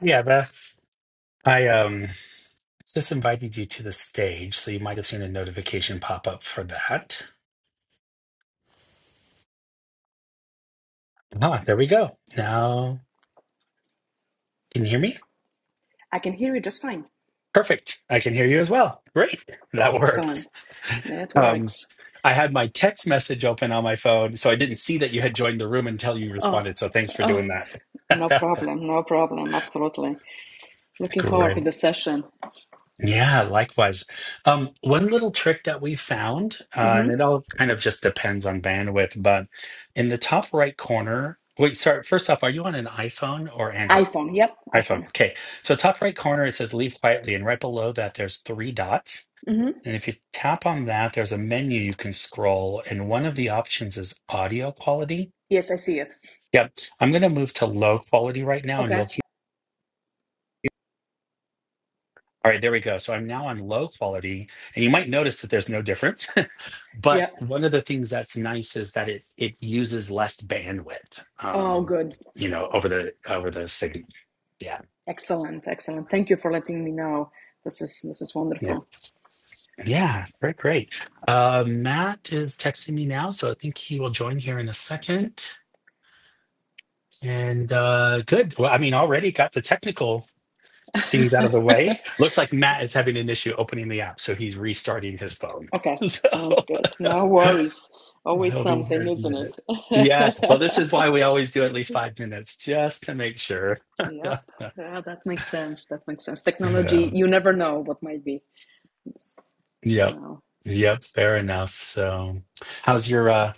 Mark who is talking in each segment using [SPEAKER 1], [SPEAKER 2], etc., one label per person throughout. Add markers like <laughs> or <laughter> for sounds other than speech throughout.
[SPEAKER 1] Yeah, Beth. I um just invited you to the stage, so you might have seen a notification pop up for that. Ah, there we go. Now, can you hear me?
[SPEAKER 2] I can hear you just fine.
[SPEAKER 1] Perfect. I can hear you as well. Great. That
[SPEAKER 2] Excellent.
[SPEAKER 1] works.
[SPEAKER 2] That
[SPEAKER 1] Um,
[SPEAKER 2] works.
[SPEAKER 1] I had my text message open on my phone, so I didn't see that you had joined the room until you
[SPEAKER 2] Oh,
[SPEAKER 1] responded. So thanks for
[SPEAKER 2] oh,
[SPEAKER 1] doing
[SPEAKER 2] no
[SPEAKER 1] that.
[SPEAKER 2] problem. No problem. Absolutely.
[SPEAKER 1] <laughs>
[SPEAKER 2] Looking forward
[SPEAKER 1] Great.
[SPEAKER 2] to the session.
[SPEAKER 1] Yeah, likewise. Um, one little trick that we found, uh,
[SPEAKER 2] Mm-hmm.
[SPEAKER 1] and it all kind of just depends on bandwidth, but in the top right corner, wait, sorry, first off, are you on an iPhone or Android?
[SPEAKER 2] iPhone. Yep. iPhone.
[SPEAKER 1] iPhone. Okay. So top right corner, it says leave quietly, and right below that, there's three dots.
[SPEAKER 2] Mm-hmm.
[SPEAKER 1] And if you tap on that, there's a menu you can scroll, and one of the options is audio quality.
[SPEAKER 2] Yes, I see it.
[SPEAKER 1] Yep. I'm going to move to low quality right now, and
[SPEAKER 2] Okay.
[SPEAKER 1] you'll hear. All right, there we go. So I'm now on low quality, and you might notice that there's no difference but
[SPEAKER 2] Yeah.
[SPEAKER 1] one of the things that's nice is that it it uses less bandwidth
[SPEAKER 2] Oh,
[SPEAKER 1] um
[SPEAKER 2] good.
[SPEAKER 1] you know over the over the signal yeah
[SPEAKER 2] Excellent. Excellent. Thank you for letting me know. This is this is
[SPEAKER 1] yeah
[SPEAKER 2] wonderful.
[SPEAKER 1] yeah great great uh matt is texting me now so i think he will join here in a second and uh good well i mean already got the technical
[SPEAKER 2] <laughs>
[SPEAKER 1] things out of the way looks like matt is having an issue opening the app so he's restarting his phone <laughs>
[SPEAKER 2] okay.
[SPEAKER 1] so
[SPEAKER 2] Sounds good. No
[SPEAKER 1] <laughs>
[SPEAKER 2] worries. Always
[SPEAKER 1] He'll be here
[SPEAKER 2] something,
[SPEAKER 1] in a
[SPEAKER 2] isn't it?
[SPEAKER 1] minute. Yeah. Well,
[SPEAKER 2] <laughs>
[SPEAKER 1] this is why we always do at least five minutes, just to make sure. <laughs>
[SPEAKER 2] Yep.
[SPEAKER 1] yeah.
[SPEAKER 2] Yeah, that makes sense. That makes sense. Technology, you never know what might be.
[SPEAKER 1] Yep.
[SPEAKER 2] So,
[SPEAKER 1] Yep. Fair enough. So, how's your uh,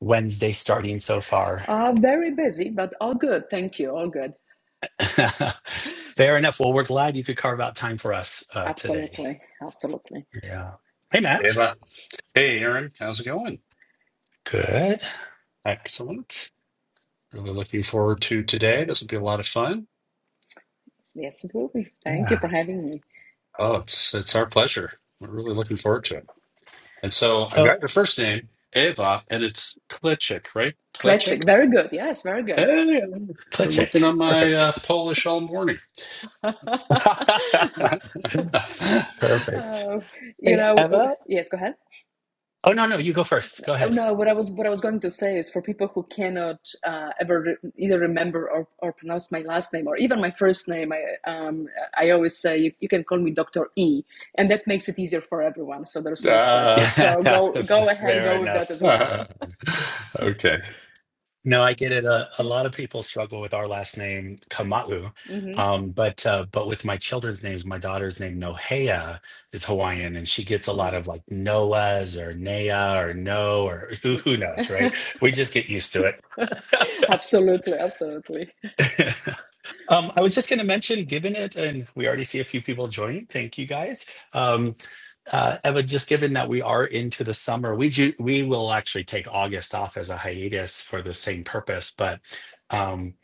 [SPEAKER 1] Wednesday starting so far?
[SPEAKER 2] uh, very busy, but all good. Thank you. All good.
[SPEAKER 1] <laughs> fair enough. Well, we're glad you could carve out time for us uh, today.
[SPEAKER 2] Absolutely. Absolutely.
[SPEAKER 1] Yeah. Hey,
[SPEAKER 3] Hey,
[SPEAKER 1] Matt.
[SPEAKER 3] Ra- hey, Aaron, how's it going?
[SPEAKER 1] Good.
[SPEAKER 3] Excellent. Really looking forward to today. This will be a lot of fun.
[SPEAKER 2] Yes, it will be. Thank you for
[SPEAKER 1] Yeah.
[SPEAKER 2] having me.
[SPEAKER 3] Oh, it's it's our pleasure. We're really looking forward to it. And so I've
[SPEAKER 1] So,
[SPEAKER 3] got your first name, Eva, and it's Klitschik, right? Klitschik.
[SPEAKER 2] Kletchik. Very good. Yes, very good.
[SPEAKER 3] Hey, I've been
[SPEAKER 1] click
[SPEAKER 3] working
[SPEAKER 1] it.
[SPEAKER 3] on my uh,
[SPEAKER 1] Perfect.
[SPEAKER 3] Polish all morning.
[SPEAKER 2] <laughs> uh,
[SPEAKER 1] <laughs>
[SPEAKER 3] <laughs>
[SPEAKER 1] Perfect.
[SPEAKER 2] you
[SPEAKER 1] Hey,
[SPEAKER 2] know,
[SPEAKER 1] Eva.
[SPEAKER 2] yes, go ahead.
[SPEAKER 1] Oh, no, no. You go first. Go
[SPEAKER 2] Oh
[SPEAKER 1] ahead.
[SPEAKER 2] no, what I was what I was going to say is for people who cannot uh, ever re- either remember or, or pronounce my last name or even my first name, I um, I always say you, you can call me Doctor E, and that makes it easier for everyone. So there's no
[SPEAKER 3] uh,
[SPEAKER 2] stresses. So
[SPEAKER 1] <laughs>
[SPEAKER 2] go go ahead,
[SPEAKER 1] Fair
[SPEAKER 2] go with that
[SPEAKER 1] enough.
[SPEAKER 2] as well.
[SPEAKER 3] <laughs>
[SPEAKER 2] <laughs>
[SPEAKER 3] okay.
[SPEAKER 1] No, I get it. A, a lot of people struggle with our last name, Kamau.
[SPEAKER 2] hmm
[SPEAKER 1] Um, but uh, but with my children's names, my daughter's name, Nohea, is Hawaiian, and she gets a lot of like Noah's or Nea or No or <laughs> who, who knows, right? We just get used to it.
[SPEAKER 2] <laughs> absolutely, absolutely.
[SPEAKER 1] Um, I was just going to mention, given it, and we already see a few people joining. Thank you guys. Um, uh, Eva, just given that we are into the summer, we ju- we will actually take August off as a hiatus for the same purpose, but. Um,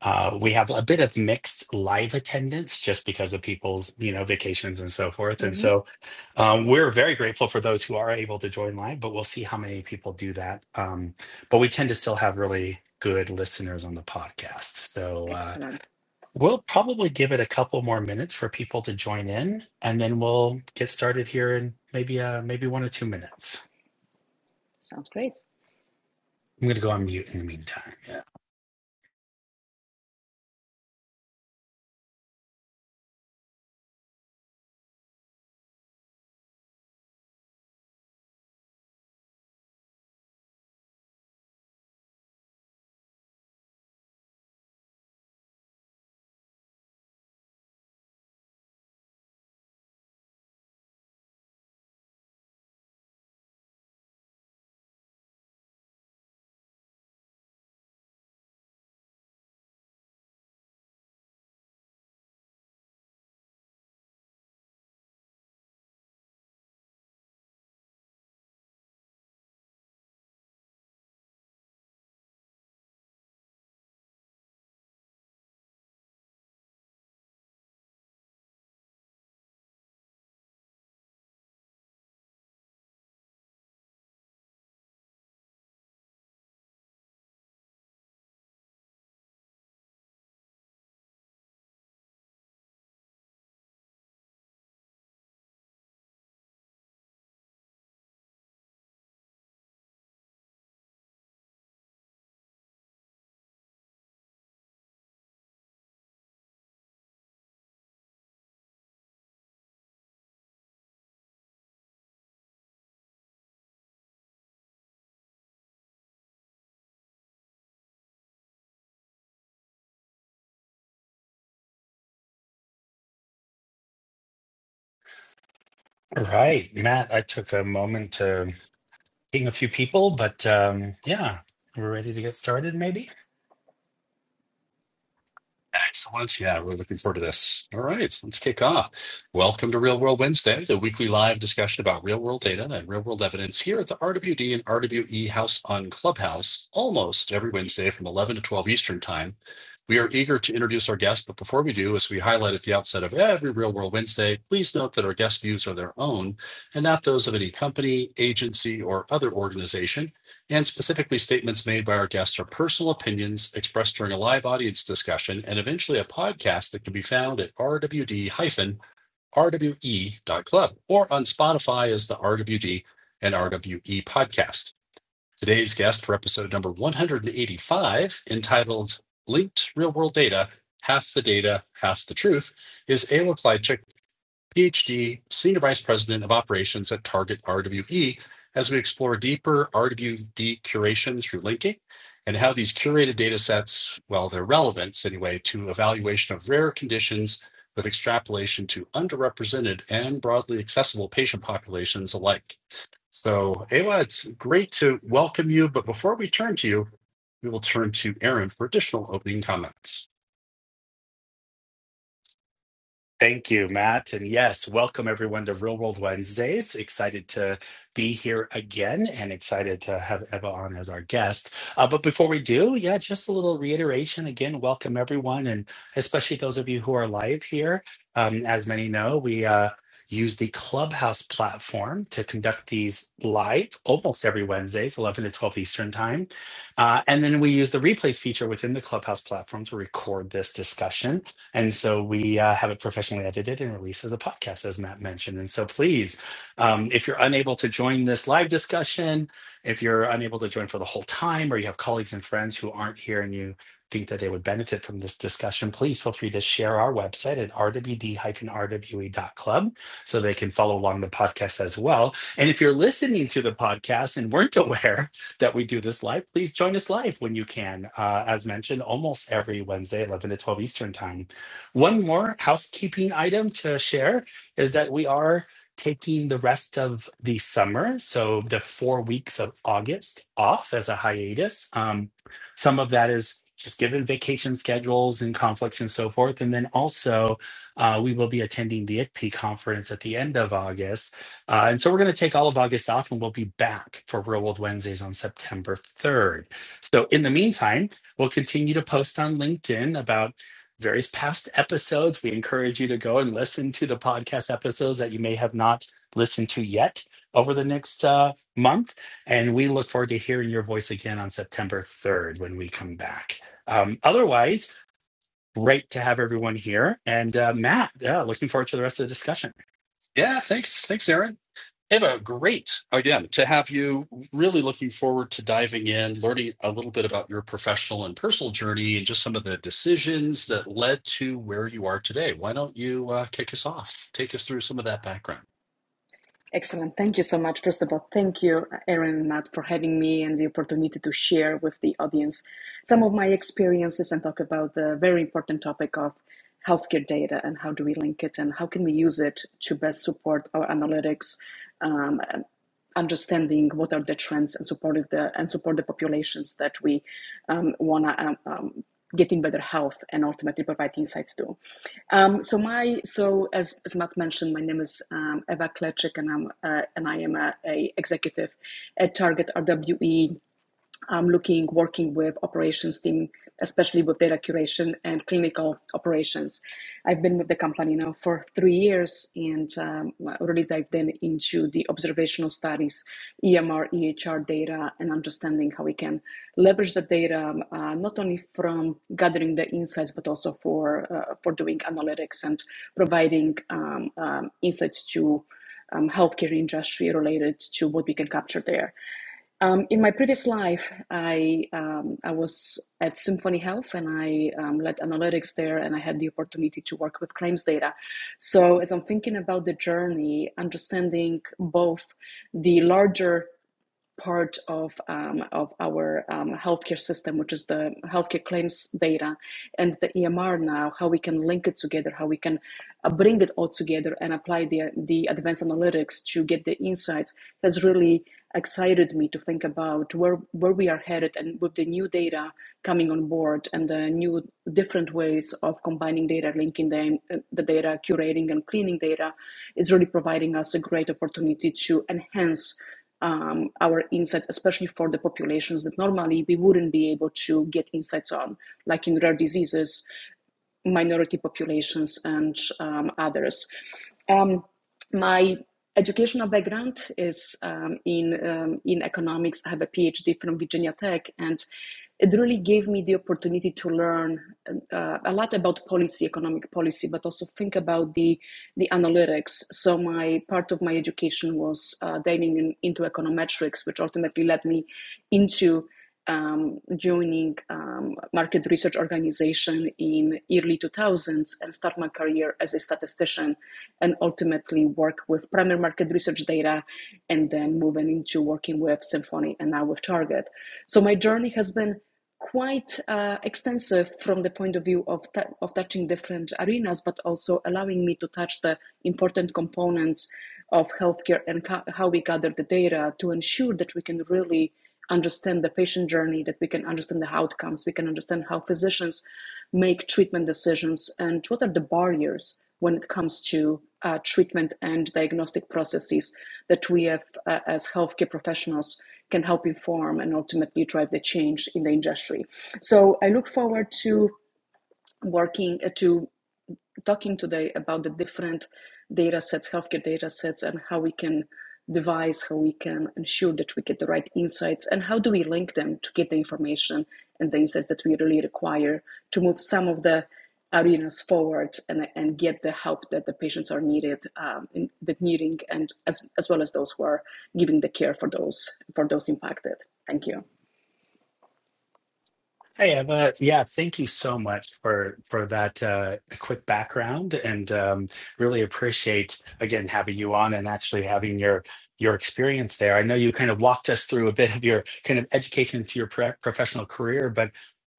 [SPEAKER 1] Uh, we have a bit of mixed live attendance just because of people's, you know, vacations and so forth. And
[SPEAKER 2] hmm
[SPEAKER 1] so um, we're very grateful for those who are able to join live, but we'll see how many people do that. Um, but we tend to still have really good listeners on the podcast. So uh,
[SPEAKER 2] Excellent.
[SPEAKER 1] we'll probably give it a couple more minutes for people to join in, and then we'll get started here in maybe uh, maybe one or two minutes.
[SPEAKER 2] Sounds great.
[SPEAKER 1] I'm going to go on mute in the meantime. Yeah. All right, Matt. I took a moment to ping a few people, but um, yeah, we're ready to get started, maybe.
[SPEAKER 3] Excellent. Yeah, we're looking forward to this. All right, let's kick off. Welcome to Real World Wednesday, the weekly live discussion about real world data and real world evidence here at the RWD and RWE House on Clubhouse, almost every Wednesday from 11 to 12 Eastern Time. We are eager to introduce our guest, but before we do, as we highlight at the outset of every Real World Wednesday, please note that our guest views are their own and not those of any company, agency, or other organization and specifically statements made by our guests are personal opinions expressed during a live audience discussion and eventually a podcast that can be found at rwd-rwe.club or on Spotify as the RWD and RWE podcast. Today's guest for episode number 185, entitled Linked Real World Data, Half the Data, Half the Truth, is Ayla Clyde PhD, Senior Vice President of Operations at Target RWE, as we explore deeper RWD curation through linking and how these curated data sets, well, their relevance anyway, to evaluation of rare conditions with extrapolation to underrepresented and broadly accessible patient populations alike. So, Awa, it's great to welcome you. But before we turn to you, we will turn to Aaron for additional opening comments.
[SPEAKER 1] Thank you, Matt. And yes, welcome everyone to Real World Wednesdays. Excited to be here again and excited to have Eva on as our guest. Uh, but before we do, yeah, just a little reiteration. Again, welcome everyone, and especially those of you who are live here. Um, as many know, we uh, use the Clubhouse platform to conduct these live almost every Wednesdays, 11 to 12 Eastern Time. Uh, and then we use the replays feature within the Clubhouse platform to record this discussion. And so we uh, have it professionally edited and released as a podcast, as Matt mentioned. And so please, um, if you're unable to join this live discussion, if you're unable to join for the whole time, or you have colleagues and friends who aren't here and you think that they would benefit from this discussion, please feel free to share our website at rwd-rwe.club so they can follow along the podcast as well. And if you're listening to the podcast and weren't <laughs> aware that we do this live, please join us live when you can. Uh, as mentioned, almost every Wednesday, 11 to 12 Eastern time. One more housekeeping item to share is that we are taking the rest of the summer, so the four weeks of August off as a hiatus. Um, some of that is just given vacation schedules and conflicts and so forth. And then also, uh, we will be attending the ICP conference at the end of August. Uh, and so we're going to take all of August off and we'll be back for Real World Wednesdays on September 3rd. So in the meantime, we'll continue to post on LinkedIn about various past episodes. We encourage you to go and listen to the podcast episodes that you may have not listened to yet over the next uh, month. And we look forward to hearing your voice again on September 3rd when we come back. Um, otherwise, great to have everyone here. And uh, Matt, yeah, looking forward to the rest of the discussion.
[SPEAKER 3] Yeah, thanks. Thanks, Aaron. Eva, great again to have you. Really looking forward to diving in, learning a little bit about your professional and personal journey and just some of the decisions that led to where you are today. Why don't you uh, kick us off? Take us through some of that background.
[SPEAKER 2] Excellent. Thank you so much. First of all, thank you, Erin and Matt, for having me and the opportunity to share with the audience some of my experiences and talk about the very important topic of healthcare data and how do we link it and how can we use it to best support our analytics, um, understanding what are the trends and support the and support the populations that we um, want to um, um, get in better health and ultimately provide insights to. Um, so my so as, as Matt mentioned, my name is um, Eva Kleczek, and I'm uh, and I am a, a executive at Target RWE I'm looking, working with operations team, especially with data curation and clinical operations. I've been with the company now for three years and um, really dived in into the observational studies, EMR, EHR data, and understanding how we can leverage the data um, uh, not only from gathering the insights but also for uh, for doing analytics and providing um, um, insights to um, healthcare industry related to what we can capture there. Um, in my previous life, I um, I was at Symphony Health and I um, led analytics there, and I had the opportunity to work with claims data. So as I'm thinking about the journey, understanding both the larger part of um, of our um, healthcare system, which is the healthcare claims data and the EMR now, how we can link it together, how we can uh, bring it all together and apply the the advanced analytics to get the insights has really excited me to think about where where we are headed and with the new data coming on board and the new different ways of combining data linking them uh, the data curating and cleaning data is really providing us a great opportunity to enhance um, our insights, especially for the populations that normally we wouldn't be able to get insights on, like in rare diseases minority populations and um, others. Um, my educational background is um, in um, in economics. I have a PhD from Virginia Tech, and it really gave me the opportunity to learn uh, a lot about policy, economic policy, but also think about the the analytics. So my part of my education was uh, diving in, into econometrics, which ultimately led me into um, joining um, market research organization in early 2000s and start my career as a statistician and ultimately work with primary market research data and then moving into working with symphony and now with target so my journey has been quite uh, extensive from the point of view of, of touching different arenas but also allowing me to touch the important components of healthcare and how we gather the data to ensure that we can really understand the patient journey, that we can understand the outcomes, we can understand how physicians make treatment decisions, and what are the barriers when it comes to uh, treatment and diagnostic processes that we have uh, as healthcare professionals can help inform and ultimately drive the change in the industry. So I look forward to working uh, to talking today about the different data sets, healthcare data sets, and how we can devise, how we can ensure that we get the right insights, and how do we link them to get the information and the insights that we really require to move some of the arenas forward and, and get the help that the patients are needed um, in the needing and as, as well as those who are giving the care for those for those impacted. Thank you.
[SPEAKER 1] Hey, Eva. Yeah, thank you so much for for that uh, quick background, and um, really appreciate again having you on and actually having your your experience there. I know you kind of walked us through a bit of your kind of education to your pro professional career, but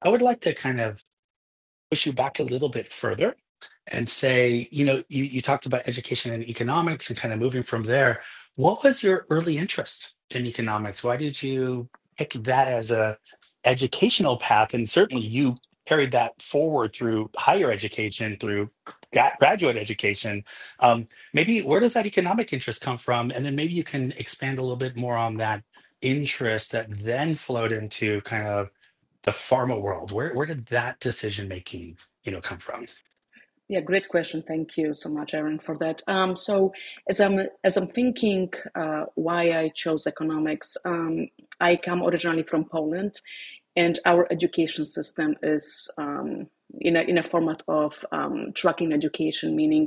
[SPEAKER 1] I would like to kind of push you back a little bit further and say, you know, you, you talked about education and economics and kind of moving from there. What was your early interest in economics? Why did you pick that as a educational path? And certainly you carried that forward through higher education, through gra- graduate education. Um, maybe where does that economic interest come from? And then maybe you can expand a little bit more on that interest that then flowed into kind of the pharma world. Where where did that decision making, you know, come from?
[SPEAKER 2] Yeah, great question. Thank you so much, Erin, for that. Um, so, as I'm as I'm thinking uh, why I chose economics, um, I come originally from Poland, and our education system is um, in a in a format of um, tracking education, meaning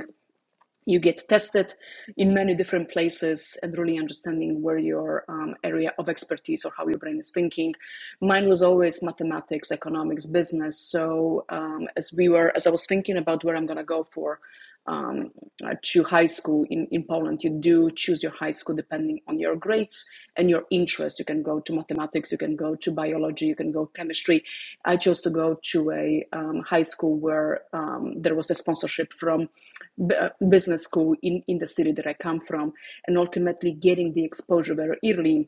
[SPEAKER 2] you get tested in many different places and really understanding where your um, area of expertise or how your brain is thinking mine was always mathematics economics business so um, as we were as i was thinking about where i'm going to go for um, uh, to high school in, in poland you do choose your high school depending on your grades and your interest you can go to mathematics you can go to biology you can go chemistry i chose to go to a um, high school where um, there was a sponsorship from uh, business school in, in the city that I come from, and ultimately getting the exposure very early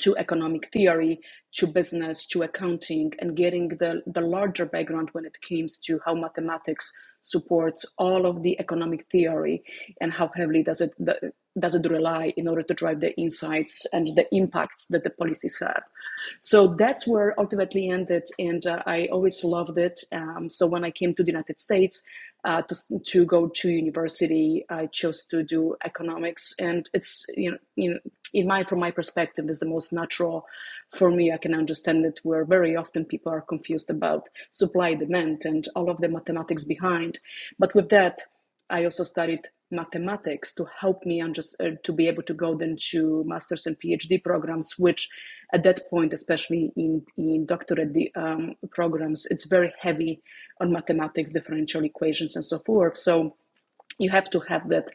[SPEAKER 2] to economic theory, to business, to accounting, and getting the, the larger background when it comes to how mathematics supports all of the economic theory and how heavily does it the, does it rely in order to drive the insights and the impacts that the policies have. So that's where ultimately ended, and uh, I always loved it. Um, so when I came to the United States uh, to to go to university, I chose to do economics, and it's you know you know in my from my perspective is the most natural for me i can understand it where very often people are confused about supply demand and all of the mathematics behind but with that i also studied mathematics to help me and just uh, to be able to go then to masters and phd programs which at that point especially in, in doctorate um, programs it's very heavy on mathematics differential equations and so forth so you have to have that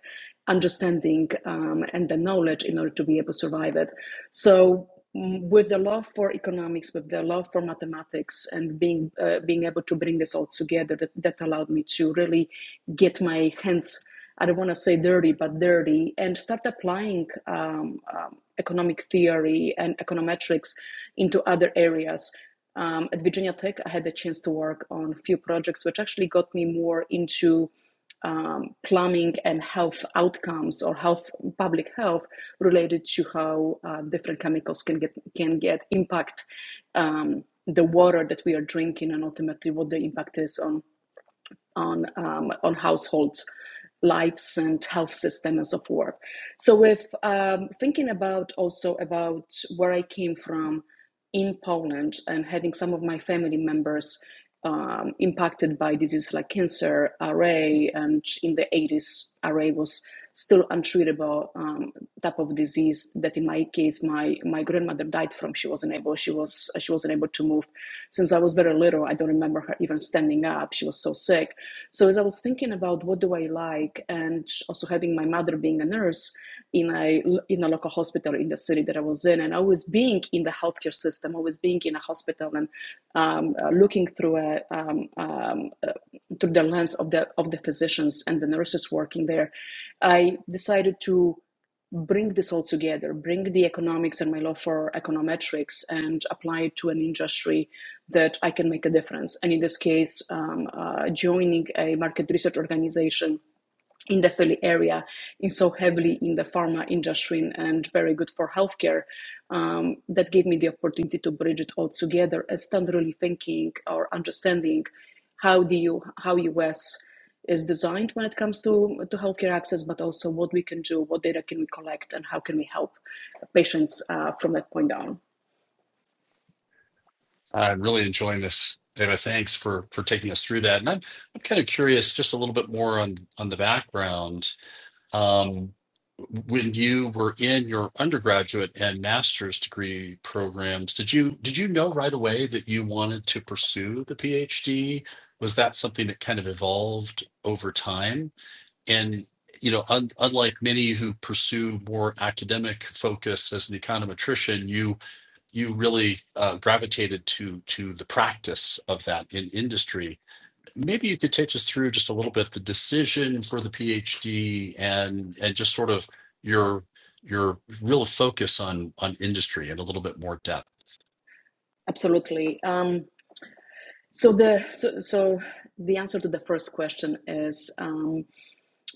[SPEAKER 2] understanding um, and the knowledge in order to be able to survive it. So mm, with the love for economics, with the love for mathematics, and being uh, being able to bring this all together, that, that allowed me to really get my hands. I don't want to say dirty, but dirty, and start applying um, um, economic theory and econometrics into other areas. Um, at Virginia Tech, I had the chance to work on a few projects, which actually got me more into um, plumbing and health outcomes or health public health related to how uh, different chemicals can get can get impact um, the water that we are drinking and ultimately what the impact is on on um, on households lives and health system and so forth so with um, thinking about also about where i came from in poland and having some of my family members um, impacted by diseases like cancer ra and in the 80s ra was still untreatable um, type of disease that in my case my my grandmother died from she wasn't able she was she wasn't able to move since i was very little i don't remember her even standing up she was so sick so as I was thinking about what do I like, and also having my mother being a nurse in a in a local hospital in the city that I was in, and always being in the healthcare system, always being in a hospital, and um, uh, looking through a um, um, uh, through the lens of the of the physicians and the nurses working there, I decided to bring this all together, bring the economics and my love for econometrics, and apply it to an industry that I can make a difference. And in this case, um, uh, joining a market research organization in the Philly area is so heavily in the pharma industry and very good for healthcare. Um, that gave me the opportunity to bridge it all together and start really thinking or understanding how do you how US is designed when it comes to, to healthcare access, but also what we can do, what data can we collect, and how can we help patients uh, from that point on.
[SPEAKER 3] I'm really enjoying this, Eva. Thanks for for taking us through that. And I'm I'm kind of curious just a little bit more on on the background Um, when you were in your undergraduate and master's degree programs, did you did you know right away that you wanted to pursue the PhD? Was that something that kind of evolved over time? And you know, un unlike many who pursue more academic focus as an econometrician, you you really uh, gravitated to to the practice of that in industry Maybe you could take us through just a little bit the decision for the PhD and and just sort of your your real focus on on industry in a little bit more depth.
[SPEAKER 2] Absolutely. Um, So the so so the answer to the first question is um,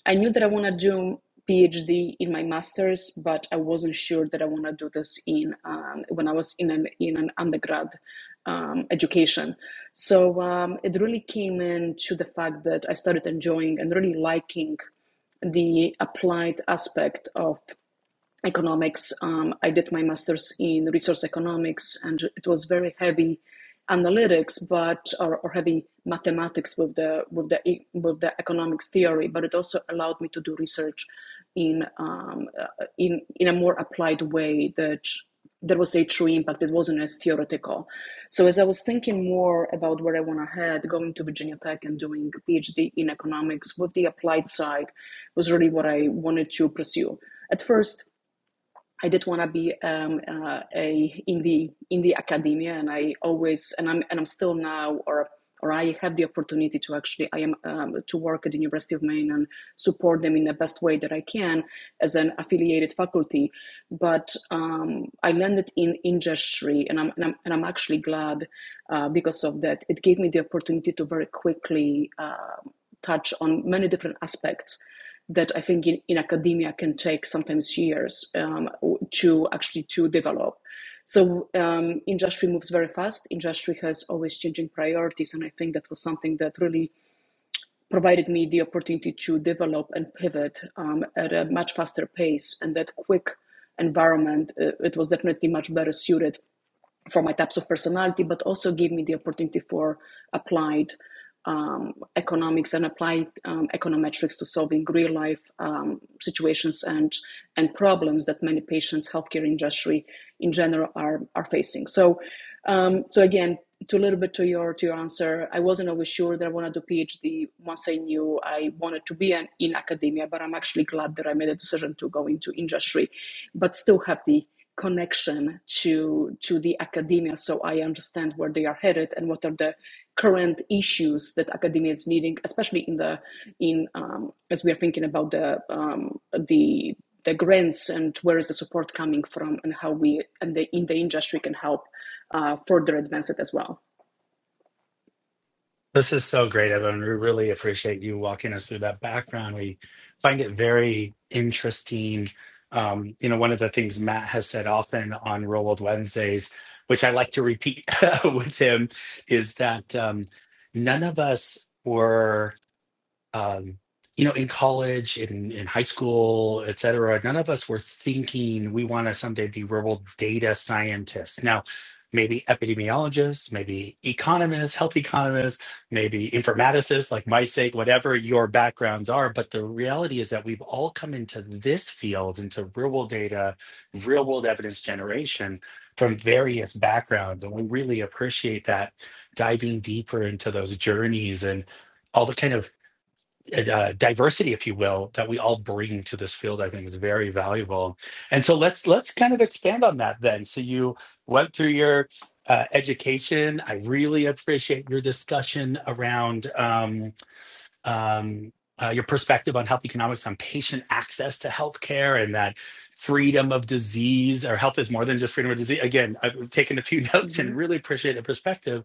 [SPEAKER 2] I knew that I want to do PhD in my master's, but I wasn't sure that I want to do this in um, when I was in an in an undergrad um, education. So um, it really came in to the fact that I started enjoying and really liking the applied aspect of economics. Um, I did my master's in resource economics, and it was very heavy analytics, but or, or heavy mathematics with the with the e- with the economics theory. But it also allowed me to do research in um, uh, in in a more applied way that there was a true impact. It wasn't as theoretical. So as I was thinking more about where I want to head, going to Virginia Tech and doing a PhD in economics with the applied side was really what I wanted to pursue. At first, I did want to be um, uh, a in the in the academia, and I always and I'm and I'm still now, or or I have the opportunity to actually I am um, to work at the University of Maine and support them in the best way that I can as an affiliated faculty. But um, I landed in industry, and I'm and I'm, and I'm actually glad uh, because of that. It gave me the opportunity to very quickly. Uh, touch on many different aspects that I think in, in academia can take sometimes years um, to actually to develop. So um, industry moves very fast. Industry has always changing priorities, and I think that was something that really provided me the opportunity to develop and pivot um, at a much faster pace. And that quick environment, uh, it was definitely much better suited for my types of personality, but also gave me the opportunity for applied um, economics and applied um, econometrics to solving real life um, situations and and problems that many patients, healthcare industry in general, are are facing. So um, so again, to a little bit to your to your answer, I wasn't always sure that I want to do PhD. Once I knew I wanted to be an, in academia, but I'm actually glad that I made a decision to go into industry, but still have the connection to to the academia, so I understand where they are headed and what are the current issues that academia is needing, especially in the in um, as we are thinking about the um, the the grants and where is the support coming from and how we and the in the industry can help uh, further advance it as well.
[SPEAKER 1] This is so great, Evan. We really appreciate you walking us through that background. We find it very interesting. Um, you know, one of the things Matt has said often on Real World Wednesdays, which I like to repeat <laughs> with him, is that um, none of us were. um, you know, in college, in, in high school, et cetera, none of us were thinking we want to someday be rural data scientists. Now, maybe epidemiologists, maybe economists, health economists, maybe informaticists like my sake, whatever your backgrounds are. But the reality is that we've all come into this field, into real world data, real world evidence generation from various backgrounds. And we really appreciate that diving deeper into those journeys and all the kind of uh, diversity, if you will, that we all bring to this field, I think is very valuable. And so let's let's kind of expand on that then. So you went through your uh, education. I really appreciate your discussion around um, um, uh, your perspective on health economics, on patient access to healthcare, and that freedom of disease or health is more than just freedom of disease. Again, I've taken a few <laughs> notes
[SPEAKER 2] hmm
[SPEAKER 1] and really appreciate the perspective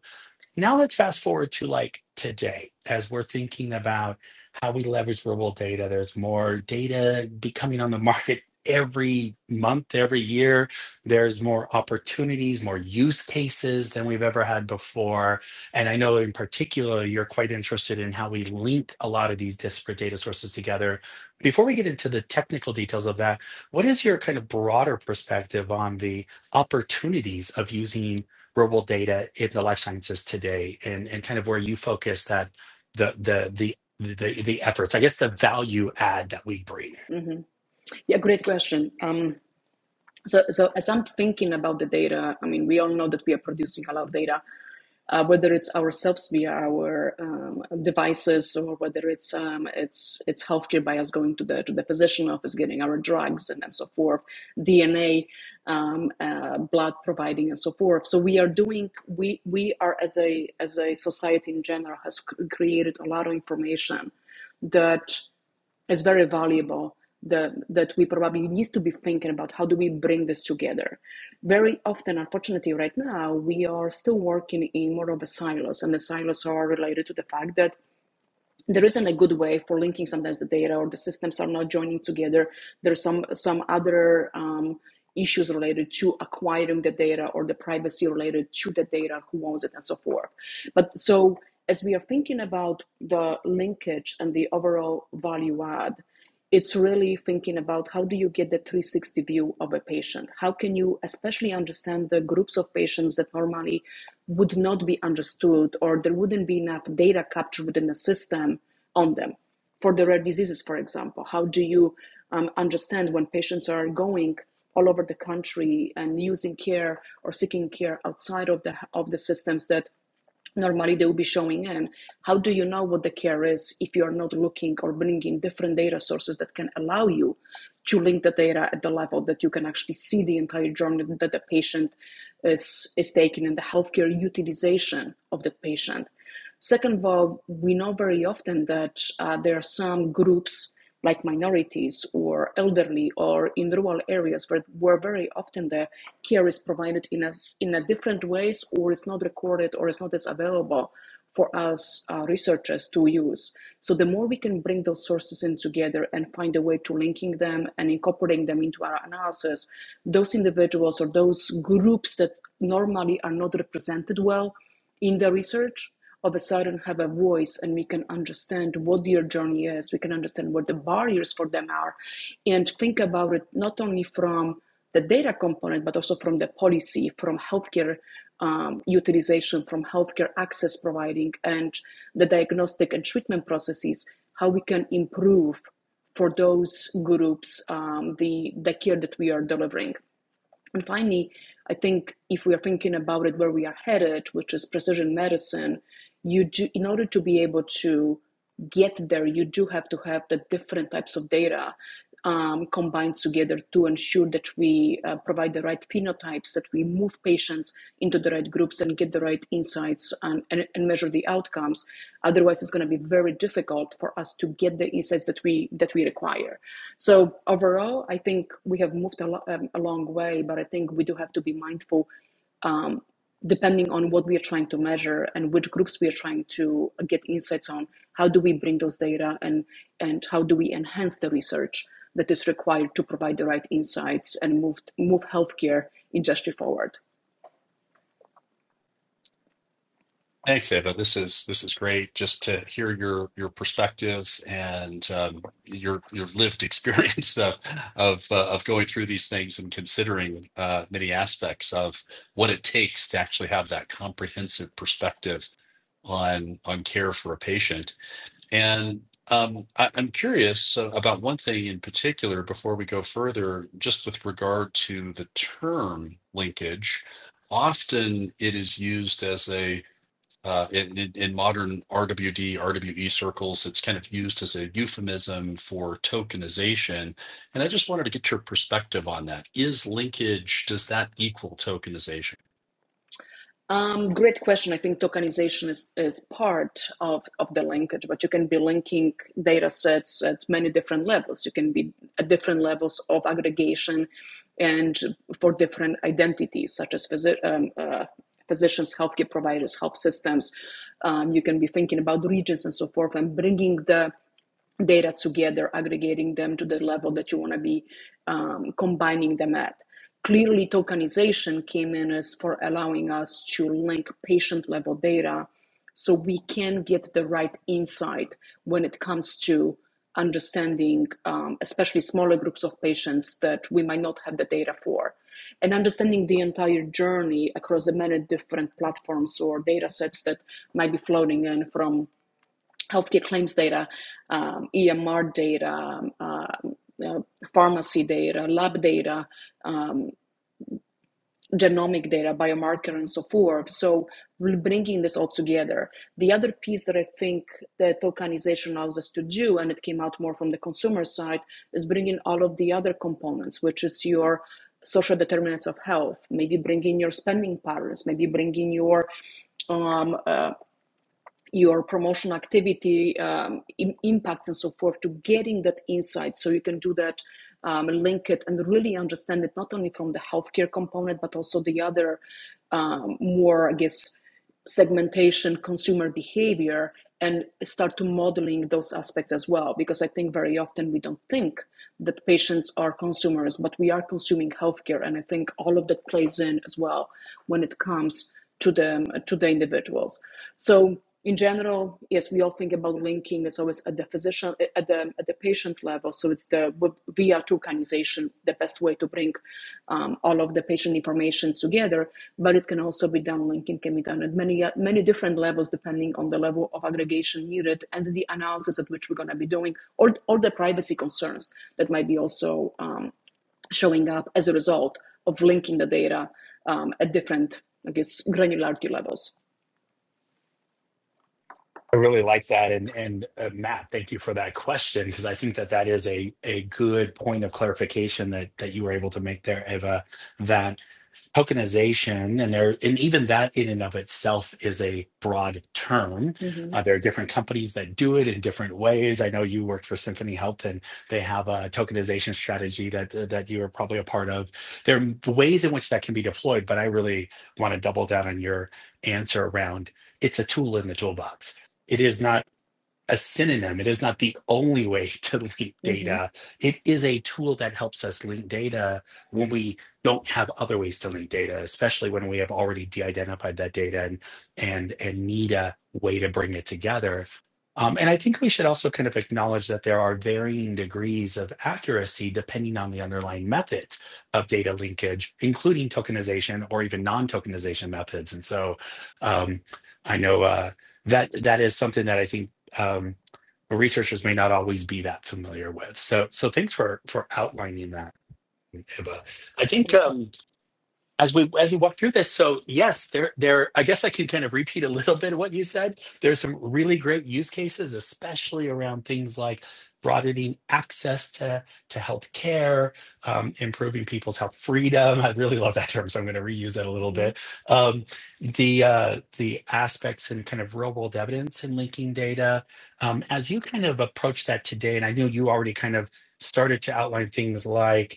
[SPEAKER 1] now let's fast forward to like today as we're thinking about how we leverage verbal data. There's more data becoming on the market every month, every year. There's more opportunities, more use cases than we've ever had before. And I know in particular, you're quite interested in how we link a lot of these disparate data sources together. Before we get into the technical details of that, what is your kind of broader perspective on the opportunities of using? real data in the life sciences today and and kind of where you focus that the the the the, the efforts i guess the value add that we bring
[SPEAKER 2] hmm Yeah, great question. Um, so, so as I'm thinking about the data, I mean, we all know that we are producing a lot of data. uh, whether it's ourselves via our um, devices or whether it's um, it's it's healthcare by us going to the to the physician office, getting our drugs and, and so forth, DNA, um, uh, blood providing and so forth. So we are doing we we are as a as a society in general has created a lot of information that is very valuable the, that we probably need to be thinking about how do we bring this together very often unfortunately right now we are still working in more of a silos and the silos are related to the fact that there isn't a good way for linking sometimes the data or the systems are not joining together there's some some other um, issues related to acquiring the data or the privacy related to the data who owns it and so forth but so as we are thinking about the linkage and the overall value add it's really thinking about how do you get the 360 view of a patient how can you especially understand the groups of patients that normally would not be understood or there wouldn't be enough data captured within the system on them for the rare diseases for example how do you um, understand when patients are going all over the country and using care or seeking care outside of the of the systems that normally they will be showing in how do you know what the care is if you are not looking or bringing different data sources that can allow you to link the data at the level that you can actually see the entire journey that the patient is, is taking and the healthcare utilization of the patient Second of all, we know very often that uh, there are some groups like minorities or elderly or in rural areas where, where very often the care is provided in a, s- in a different ways or it's not recorded or it's not as available for us uh, researchers to use. So the more we can bring those sources in together and find a way to linking them and incorporating them into our analysis, those individuals or those groups that normally are not represented well in the research all of a sudden have a voice and we can understand what their journey is we can understand what the barriers for them are and think about it not only from the data component but also from the policy from healthcare um, utilization from healthcare access providing and the diagnostic and treatment processes how we can improve for those groups um, the the care that we are delivering and finally, I think if we are thinking about it where we are headed, which is precision medicine, you do, in order to be able to get there, you do have to have the different types of data um, combined together to ensure that we uh, provide the right phenotype types, that we move patients into the right groups and get the right insights and, and, and measure the outcomes. Otherwise, it's going to be very difficult for us to get the insights that we that we require. So overall, I think we have moved a, lo- um, a long way, but I think we do have to be mindful um, depending on what we are trying to measure and which groups we are trying to get insights on how do we bring those data and and how do we enhance the research that is required to provide the right insights and move move healthcare industry forward
[SPEAKER 3] Thanks, Ava. This is this is great just to hear your your perspective and um, your your lived <laughs> experience of of uh, of going through these things and considering uh, many aspects of what it takes to actually have that comprehensive perspective on on care for a patient And um, I, I'm curious uh, about one thing in particular before we go further, just with regard to the term linkage. Often it is used as a, uh, in, in, in modern RWD, RWE circles, it's kind of used as a euphemism for tokenization. And I just wanted to get your perspective on that. Is linkage, does that equal tokenization?
[SPEAKER 2] Um, great question. I think tokenization is, is part of, of the linkage, but you can be linking data sets at many different levels. You can be at different levels of aggregation and for different identities, such as physi- um, uh, physicians, healthcare providers, health systems. Um, you can be thinking about regions and so forth and bringing the data together, aggregating them to the level that you want to be um, combining them at. Clearly, tokenization came in as for allowing us to link patient level data so we can get the right insight when it comes to understanding, um, especially smaller groups of patients that we might not have the data for, and understanding the entire journey across the many different platforms or data sets that might be floating in from healthcare claims data, um, EMR data, um, uh, uh, pharmacy data, lab data, um, genomic data, biomarker, and so forth. So we're bringing this all together. The other piece that I think the tokenization allows us to do, and it came out more from the consumer side, is bringing all of the other components, which is your social determinants of health, maybe bringing your spending patterns, maybe bringing your um, uh, your promotion activity um, im- impacts and so forth to getting that insight so you can do that um, link it and really understand it not only from the healthcare component but also the other um, more i guess segmentation consumer behavior and start to modeling those aspects as well because i think very often we don't think that patients are consumers but we are consuming healthcare and i think all of that plays in as well when it comes to the to the individuals. So in general, yes, we all think about linking as always at the physician at the at the patient level. So it's the via tokenization the best way to bring um, all of the patient information together. But it can also be done. Linking can be done at many many different levels depending on the level of aggregation needed and the analysis at which we're going to be doing, or or the privacy concerns that might be also. um, showing up as a result of linking the data um, at different, I guess, granularity levels.
[SPEAKER 1] i really like that and and uh, matt thank you for that question because i think that that is a a good point of clarification that that you were able to make there eva That. tokenization and there and even that in and of itself is a broad term
[SPEAKER 2] hmm
[SPEAKER 1] uh, there are different companies that do it in different ways i know you worked for symphony health and they have a tokenization strategy that that you are probably a part of there are ways in which that can be deployed but i really want to double down on your answer around it's a tool in the toolbox it is not a synonym. It is not the only way <laughs> to link
[SPEAKER 2] hmm
[SPEAKER 1] data. It is a tool that helps us link data when we don't have other ways to link data, especially when we have already de-identified that data and and and need a way to bring it together. Um, and I think we should also kind of acknowledge that there are varying degrees of accuracy depending on the underlying methods of data linkage, including tokenization or even non-tokenization methods. And so um, I know uh, that that is something that I think um, researchers may not always be that familiar with. So, so thanks for for outlining that, Iba. I think.
[SPEAKER 2] Absolutely.
[SPEAKER 1] Um, as we as we walk through this so yes there there i guess i can kind of repeat a little bit of what you said there's some really great use cases especially around things like broadening access to to health care um, improving people's health freedom i really love that term so i'm going to reuse that a little
[SPEAKER 2] hmm
[SPEAKER 1] bit um, the uh, the aspects and kind of real world evidence and linking data um, as you kind of approach that today and i know you already kind of started to outline things like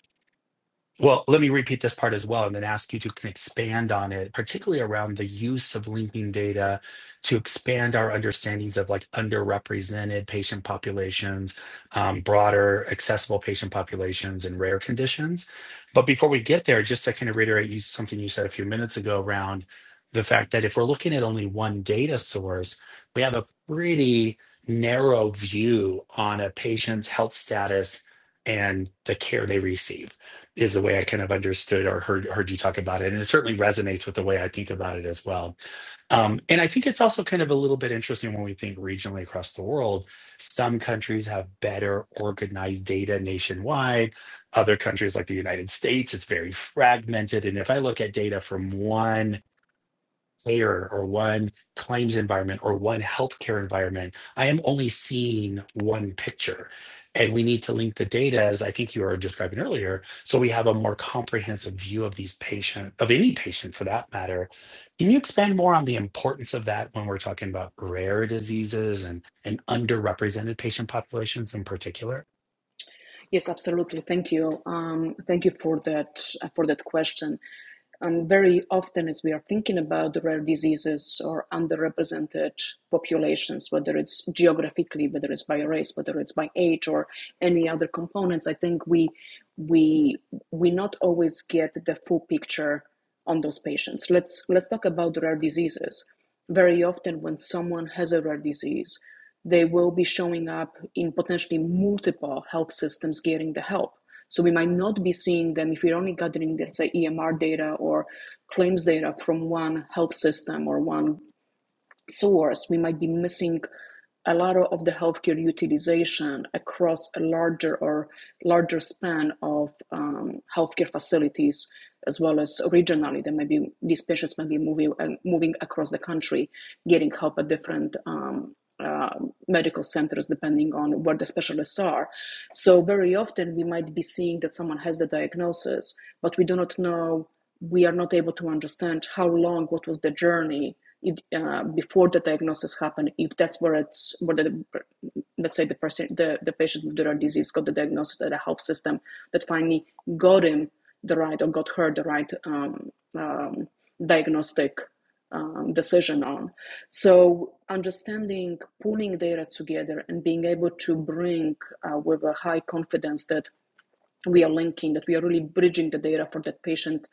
[SPEAKER 1] well, let me repeat this part as well and then ask you to can expand on it, particularly around the use of linking data to expand our understandings of like underrepresented patient populations, um, broader accessible patient populations, and rare conditions. But before we get there, just to kind of reiterate you, something you said a few minutes ago around the fact that if we're looking at only one data source, we have a pretty narrow view on a patient's health status and the care they receive is the way I kind of understood or heard heard you talk about it, and it certainly resonates with the way I think about it as well. Um, and I think it's also kind of a little bit interesting when we think regionally across the world. Some countries have better organized data nationwide. Other countries, like the United States, it's very fragmented. And if I look at data from one payer or one claims environment or one healthcare environment. I am only seeing one picture. And we need to link the data, as I think you were describing earlier, so we have a more comprehensive view of these patient, of any patient for that matter. Can you expand more on the importance of that when we're talking about rare diseases and, and underrepresented patient populations in particular?
[SPEAKER 2] Yes, absolutely. Thank you. Um, thank you for that uh, for that question. And very often, as we are thinking about the rare diseases or underrepresented populations, whether it's geographically, whether it's by race, whether it's by age, or any other components, I think we we we not always get the full picture on those patients. Let's let's talk about rare diseases. Very often, when someone has a rare disease, they will be showing up in potentially multiple health systems getting the help so we might not be seeing them if we're only gathering, let's say, EMR data or claims data from one health system or one source, we might be missing a lot of the healthcare utilization across a larger or larger span of um, healthcare facilities, as well as regionally. There may be these patients may be moving uh, moving across the country, getting help at different. Um, uh, medical centers, depending on where the specialists are. So, very often we might be seeing that someone has the diagnosis, but we do not know, we are not able to understand how long, what was the journey, it, uh, before the diagnosis happen if that's where it's where the let's say the person the, the patient with the rare disease got the diagnosis at the health system that finally got him the right or got her the right um, um, diagnostic um, decision on so understanding pulling data together and being able to bring uh, with a high confidence that we are linking, that we are really bridging the data for that patient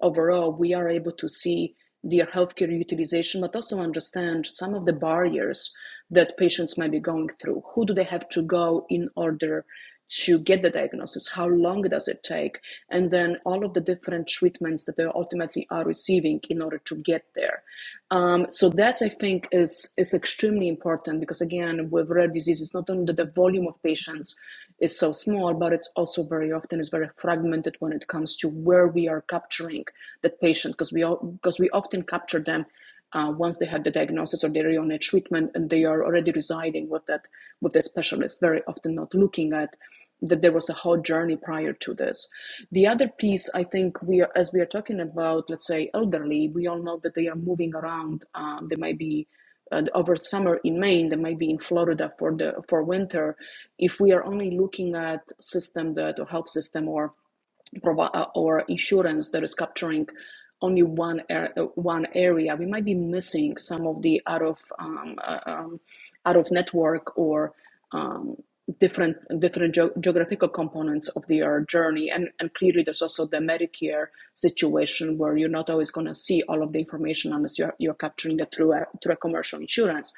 [SPEAKER 2] overall, we are able to see their healthcare utilization, but also understand some of the barriers that patients might be going through. Who do they have to go in order to get the diagnosis? How long does it take? And then all of the different treatments that they ultimately are receiving in order to get there. Um, so that I think is is extremely important because again, with rare diseases, not only the volume of patients, is so small, but it's also very often is very fragmented when it comes to where we are capturing that patient because we because we often capture them uh, once they have the diagnosis or they're on a treatment and they are already residing with that with the specialist. Very often not looking at that there was a whole journey prior to this. The other piece, I think, we are, as we are talking about, let's say, elderly, we all know that they are moving around. Um, they might be uh, over summer in Maine, they might be in Florida for the for winter if we are only looking at system that or health system or uh, or insurance that is capturing only one ar- uh, one area, we might be missing some of the out of um, uh, um, out of network or um, different different geo geographical components of their journey. And and clearly, there's also the Medicare situation where you're not always going to see all of the information unless you're you're capturing that through a through a commercial insurance.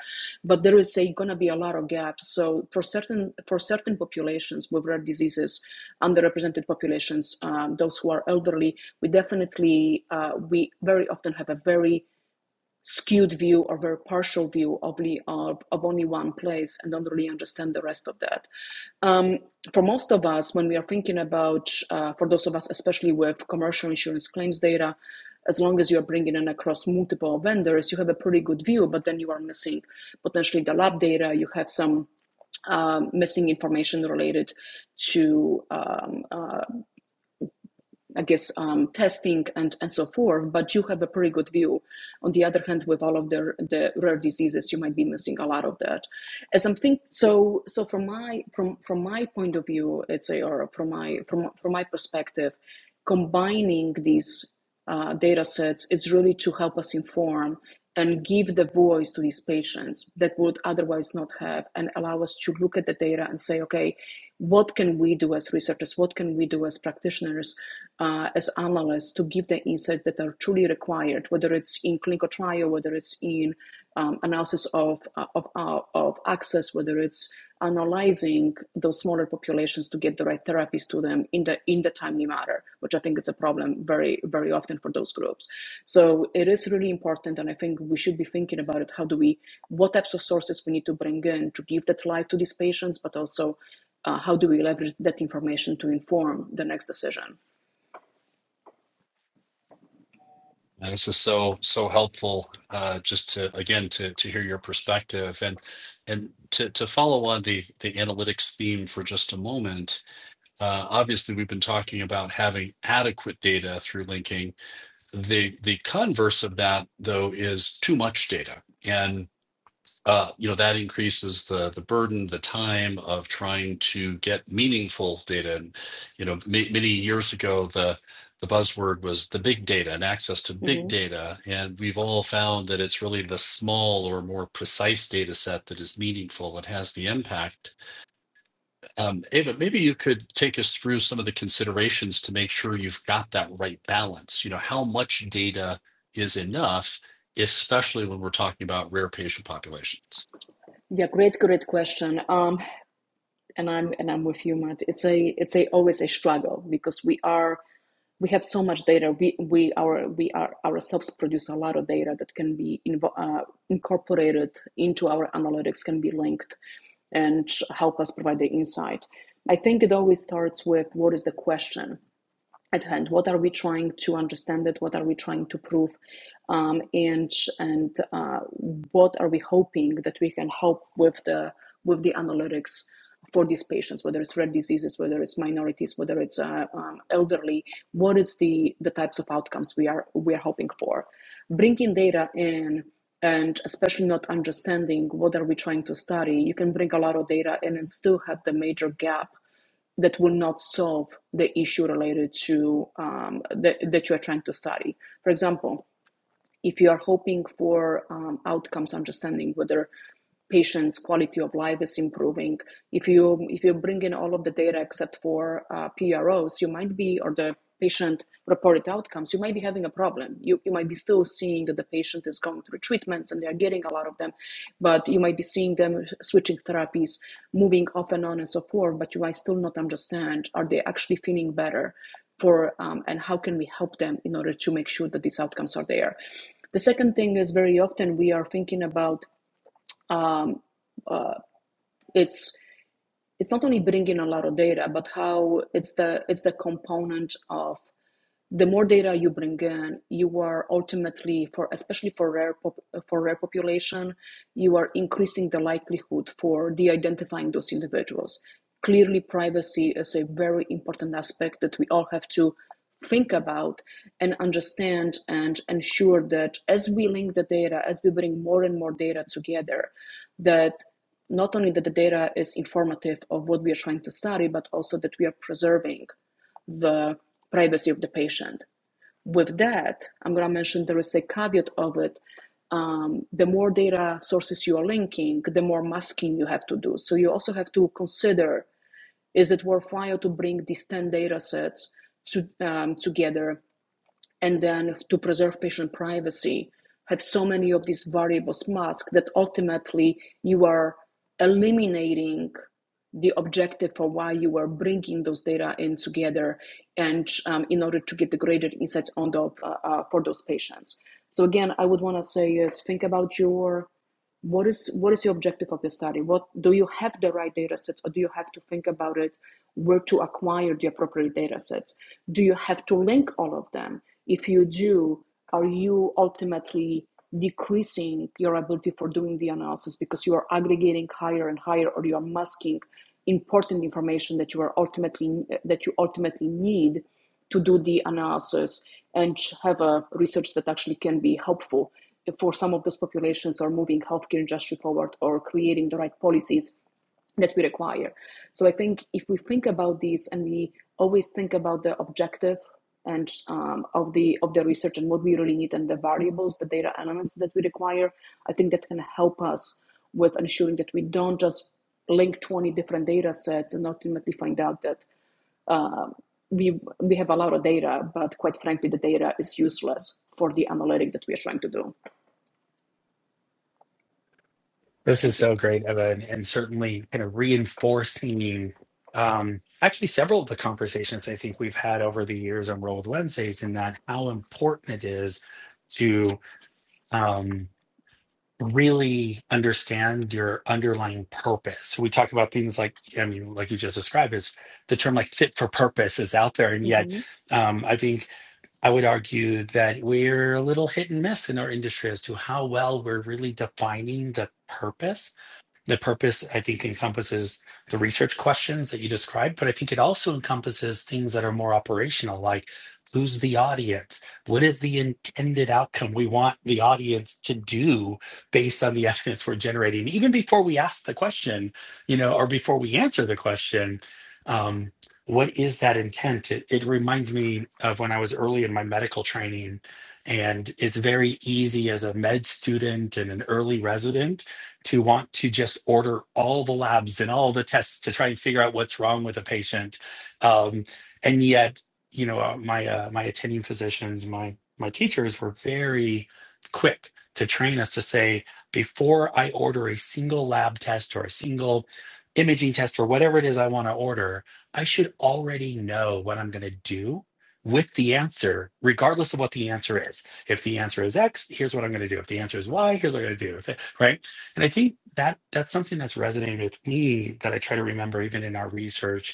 [SPEAKER 2] But there is going to be a lot of gaps. So for certain for certain populations with rare diseases underrepresented populations, um, those who are elderly, we definitely uh, we very often have a very skewed view or very partial view of, the, of, of only one place and don't really understand the rest of that. Um, for most of us, when we are thinking about, uh, for those of us, especially with commercial insurance claims data, as long as you're bringing in across multiple vendors, you have a pretty good view, but then you are missing potentially the lab data, you have some um, missing information related to um, uh, I guess, um, testing and, and so forth, but you have a pretty good view. On the other hand, with all of the, the rare diseases, you might be missing a lot of that. As I'm think, so so from my from from my point of view, it's a or from my from from my perspective, combining these uh, data sets is really to help us inform and give the voice to these patients that would otherwise not have and allow us to look at the data and say okay what can we do as researchers, what can we do as practitioners, uh, as analysts to give the insights that are truly required, whether it's in clinical trial, whether it's in um, analysis of, uh, of, uh, of access, whether it's analyzing those smaller populations to get the right therapies to them in the in the timely manner, which I think it's a problem very very often for those groups. So it is really important, and I think we should be thinking about it. How do we, what types of sources we need to bring in to give that life to these patients, but also uh, how do we leverage that information to inform the next decision?
[SPEAKER 3] And this is so so helpful uh, just to again to to hear your perspective and and to to follow on the the analytics theme for just a moment. Uh, obviously, we've been talking about having adequate data through linking. The the converse of that though is too much data. and uh, you know that increases the the burden, the time of trying to get meaningful data. And you know, ma- many years ago, the the buzzword was the big data and access to big
[SPEAKER 2] hmm
[SPEAKER 3] data, and we've all found that it's really the small or more precise data set that is meaningful and has the impact. Um, Ava, maybe you could take us through some of the considerations to make sure you've got that right balance. You know, how much data is enough, especially when we're talking about rare patient populations.
[SPEAKER 2] Yeah, great, great question. Um, and I'm and I'm with you, Matt. It's a it's a always a struggle because we are we have so much data. We we our we are ourselves produce a lot of data that can be invo- uh, incorporated into our analytics, can be linked, and help us provide the insight. I think it always starts with what is the question at hand what are we trying to understand it what are we trying to prove um, and and uh, what are we hoping that we can help with the with the analytics for these patients whether it's rare diseases whether it's minorities whether it's uh, um, elderly what is the the types of outcomes we are we are hoping for bringing data in and especially not understanding what are we trying to study you can bring a lot of data in and still have the major gap that will not solve the issue related to um, that that you are trying to study. For example, if you are hoping for um, outcomes, understanding whether patients' quality of life is improving, if you if you bring in all of the data except for uh, PROs, you might be or the patient reported outcomes, you might be having a problem. You, you might be still seeing that the patient is going through treatments and they are getting a lot of them, but you might be seeing them switching therapies, moving off and on and so forth, but you might still not understand are they actually feeling better for um, and how can we help them in order to make sure that these outcomes are there. The second thing is very often we are thinking about um, it's it's not only bringing a lot of data, but how it's the it's the component of the more data you bring in, you are ultimately for especially for rare pop, for rare population, you are increasing the likelihood for de-identifying those individuals. Clearly, privacy is a very important aspect that we all have to think about and understand and ensure that as we link the data, as we bring more and more data together, that not only that the data is informative of what we are trying to study, but also that we are preserving the privacy of the patient. With that, I'm going to mention there is a caveat of it. Um, the more data sources you are linking, the more masking you have to do. So you also have to consider is it worthwhile to bring these 10 data sets to, um, together and then to preserve patient privacy, have so many of these variables masked that ultimately you are eliminating the objective for why you are bringing those data in together and um, in order to get the greater insights on the, uh, uh, for those patients. So again, I would want to say is think about your what is what is your objective of the study what do you have the right data sets or do you have to think about it where to acquire the appropriate data sets do you have to link all of them if you do are you ultimately decreasing your ability for doing the analysis because you are aggregating higher and higher or you are masking important information that you are ultimately that you ultimately need to do the analysis and have a research that actually can be helpful for some of those populations or moving healthcare industry forward or creating the right policies that we require. So I think if we think about these and we always think about the objective and um, of the of the research and what we really need and the variables, the data elements that we require, I think that can help us with ensuring that we don't just link 20 different data sets and ultimately find out that um we we have a lot of data, but quite frankly, the data is useless for the analytic that we are trying to do.
[SPEAKER 1] This
[SPEAKER 2] Thank
[SPEAKER 1] is so great, Evan, and certainly kind of reinforcing um, actually several of the conversations I think we've had over the years on World Wednesdays, in that how important it is to um, really understand your underlying purpose. We talk about things like, I mean, like you just described, is the term like fit for purpose is out there, and yet
[SPEAKER 2] you.
[SPEAKER 1] um, I think I would argue that we're a little hit and miss in our industry as to how well we're really defining the purpose the purpose, I think, encompasses the research questions that you described, but I think it also encompasses things that are more operational, like who's the audience? What is the intended outcome we want the audience to do based on the <laughs> evidence we're generating? Even before we ask the question, you know, or before we answer the question, um, what is that intent? It, it reminds me of when I was early in my medical training, and it's very easy as a med student and an early resident to want to just order all the labs and all the tests to try and figure out what's wrong with a patient. Um, and yet, you know, uh, my uh, my attending physicians, my my teachers were very quick to train us to say before I order a single lab test or a single imaging test or whatever it is I want to order, I should already know what I'm going to do with the answer, regardless of what the answer is. If the answer is X, here's what I'm going to do. If the answer is Y, here's what I'm going to do. If- it- Right? And I think that that's something that's resonated with me that I try to remember even in our research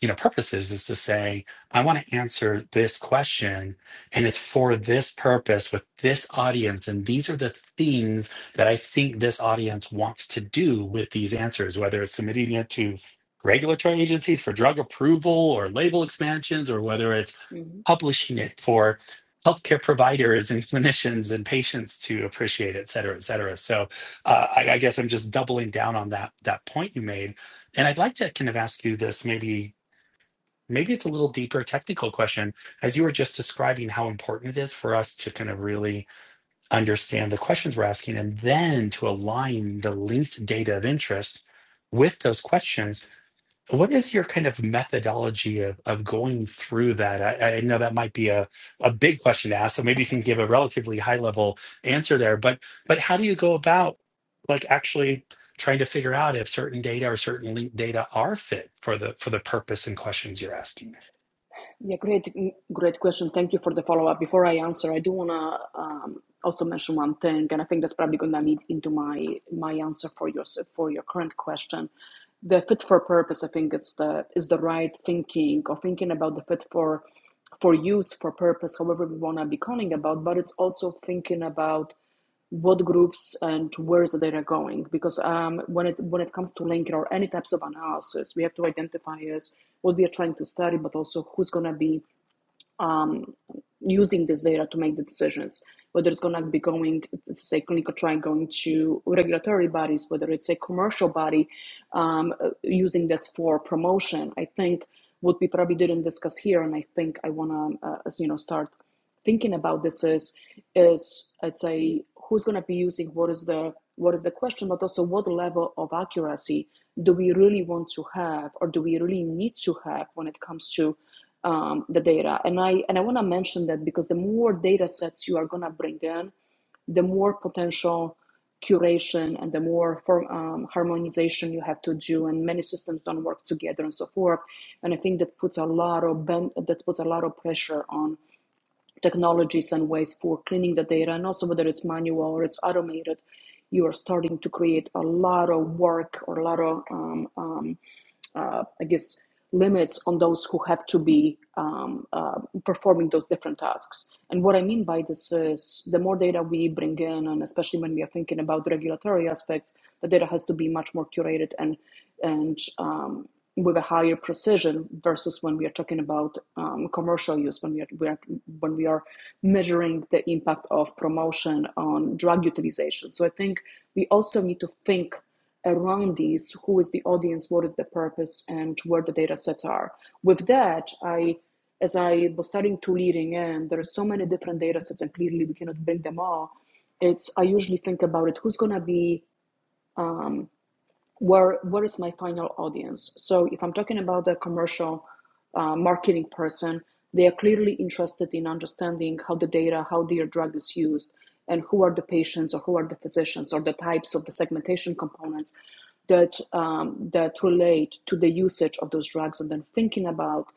[SPEAKER 1] you know purposes is to say i want to answer this question and it's for this purpose with this audience and these are the things that i think this audience wants to do with these answers whether it's submitting it to regulatory agencies for drug approval or label expansions or whether it's
[SPEAKER 2] hmm
[SPEAKER 1] publishing it for healthcare providers and <laughs> clinicians and patients to appreciate et cetera et cetera so uh, I, I guess i'm just doubling down on that that point you made and i'd like to kind of ask you this maybe maybe it's a little deeper technical question as you were just describing how important it is for us to kind of really understand the questions we're asking and then to align the linked data of interest with those questions what is your kind of methodology of, of going through that I, I know that might be a, a big question to ask so maybe you can give a relatively high level answer there but but how do you go about like actually trying to figure out if certain data or certain linked data are fit for the for the purpose and questions you're asking
[SPEAKER 2] Yeah, great, mm, great question. Thank you for the follow-up. Before I answer, I do wanna um, also mention one thing, and I think that's probably gonna lead into my my answer for your for your current question. The fit for purpose, I think it's the is the right thinking or thinking about the fit for for use, for purpose, however we wanna be calling about, but it's also thinking about what groups and where is the data going because um, when it when it comes to linking or any types of analysis we have to identify as what we are trying to study but also who's going to be using this data to make the decisions whether it's going to be going say clinical trial going to regulatory bodies whether it's a commercial body um, uh, using that for promotion i think what we probably didn't discuss here and i think i want to uh, you know start thinking about this is is I'd say who's going to be using what is the what is the question, but also what level of accuracy do we really want to have, or do we really need to have when it comes to um, the data? And I and I want to mention that because the more data sets you are going to bring in, the more potential curation and the more form, um, harmonization you have to do and many systems don't work together and so forth and i think that puts a lot of ben- that puts a lot of pressure on technologies and ways for cleaning the data and also whether it's manual or it's automated you are starting to create a lot of work or a lot of um, um, uh, I guess, limits on those who have to be um, uh, performing those different tasks. And what I mean by this is the more data we bring in, and especially when we are thinking about the regulatory aspects, the data has to be much more curated and and um, with a higher precision versus when we are talking about um, commercial use, when we are, we are when we are measuring the impact of promotion on drug utilization. So I think we also need to think around these who is the audience what is the purpose and where the data sets are with that i as i was starting to leading in there are so many different data sets and clearly we cannot bring them all it's i usually think about it who's going to be where where is my final audience so if i'm talking about a commercial uh, marketing person they are clearly interested in understanding how the data how their drug is used and who are the patients or who are the physicians or the types of the segmentation components that um, that relate to the usage of those drugs and then thinking about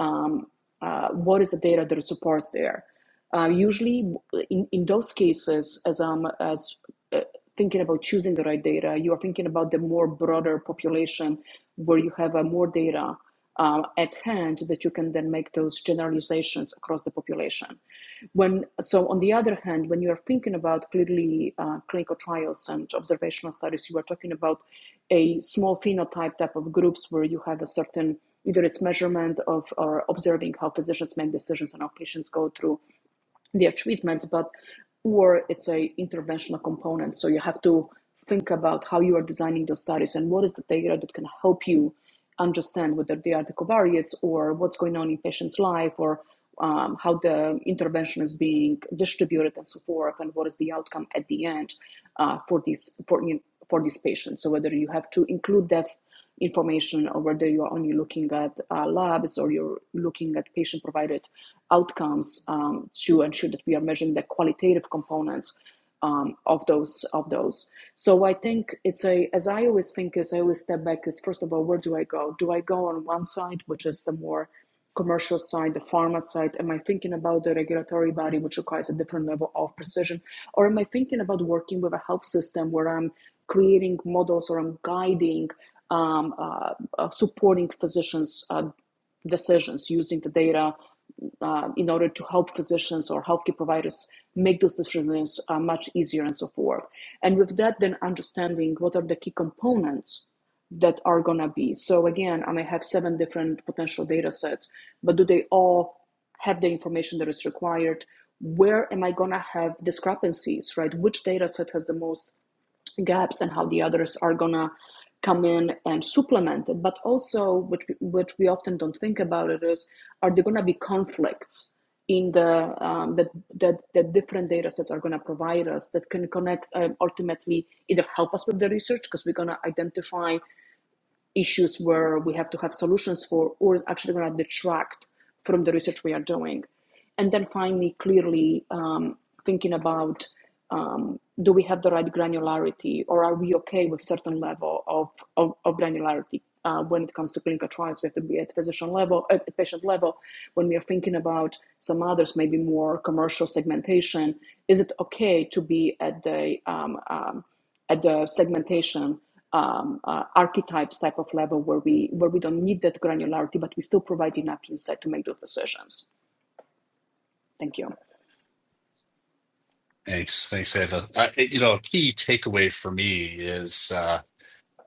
[SPEAKER 2] um, uh, what is the data that it supports there uh, usually in, in those cases as um as uh, uh, thinking about choosing the right data. You are thinking about the more broader population where you have uh, more data uh, at hand that you can then make those generalizations across the population. When so, on the other hand, when you are thinking about clearly uh, clinical trials and observational studies, you are talking about a small phenotype type of groups where you have a certain either it's measurement of or observing how physicians make decisions and how patients go through their treatments but or it's a interventional component so you have to think about how you are designing the studies and what is the data that can help you understand whether they are the covariates or what's going on in patient's life or um, how the intervention is being distributed and so forth and what is the outcome at the end uh, for these for, for these patients so whether you have to include that information or whether you're only looking at uh, labs or you're looking at patient provided outcomes um, to ensure that we are measuring the qualitative components um, of those of those so i think it's a as i always think As i always step back is first of all where do i go do i go on one side which is the more commercial side, the pharma side? Am I thinking about the regulatory body, which requires a different level of precision? Or am I thinking about working with a health system where I'm creating models or I'm guiding, um, uh, uh, supporting physicians' uh, decisions using the data uh, in order to help physicians or healthcare providers make those decisions uh, much easier and so forth? And with that, then understanding what are the key components that are going to be. So again, I may have seven different potential data sets, but do they all have the information that is required? Where am I going to have discrepancies, right? Which data set has the most gaps and how the others are going to come in and supplement it? But also, which, which we often don't think about it is, are there going to be conflicts? in the um, that that that different data sets are going to provide us that can connect um, ultimately either help us with the research because we're going to identify issues where we have to have solutions for, or is actually going to detract from the research we are doing. And then finally, clearly um, thinking about um, do we have the right granularity, or are we okay with certain level of, of, of granularity? Uh, when it comes to clinical trials, we have to be at physician level, at patient level. When we are thinking about some others, maybe more commercial segmentation, is it okay to be at the um, um, at the segmentation um, uh, archetypes type of level where we where we don't need that granularity, but we still provide enough insight to make those decisions. Thank you.
[SPEAKER 3] Thanks. Thanks, Ava. I, you know, a key takeaway for me is. uh,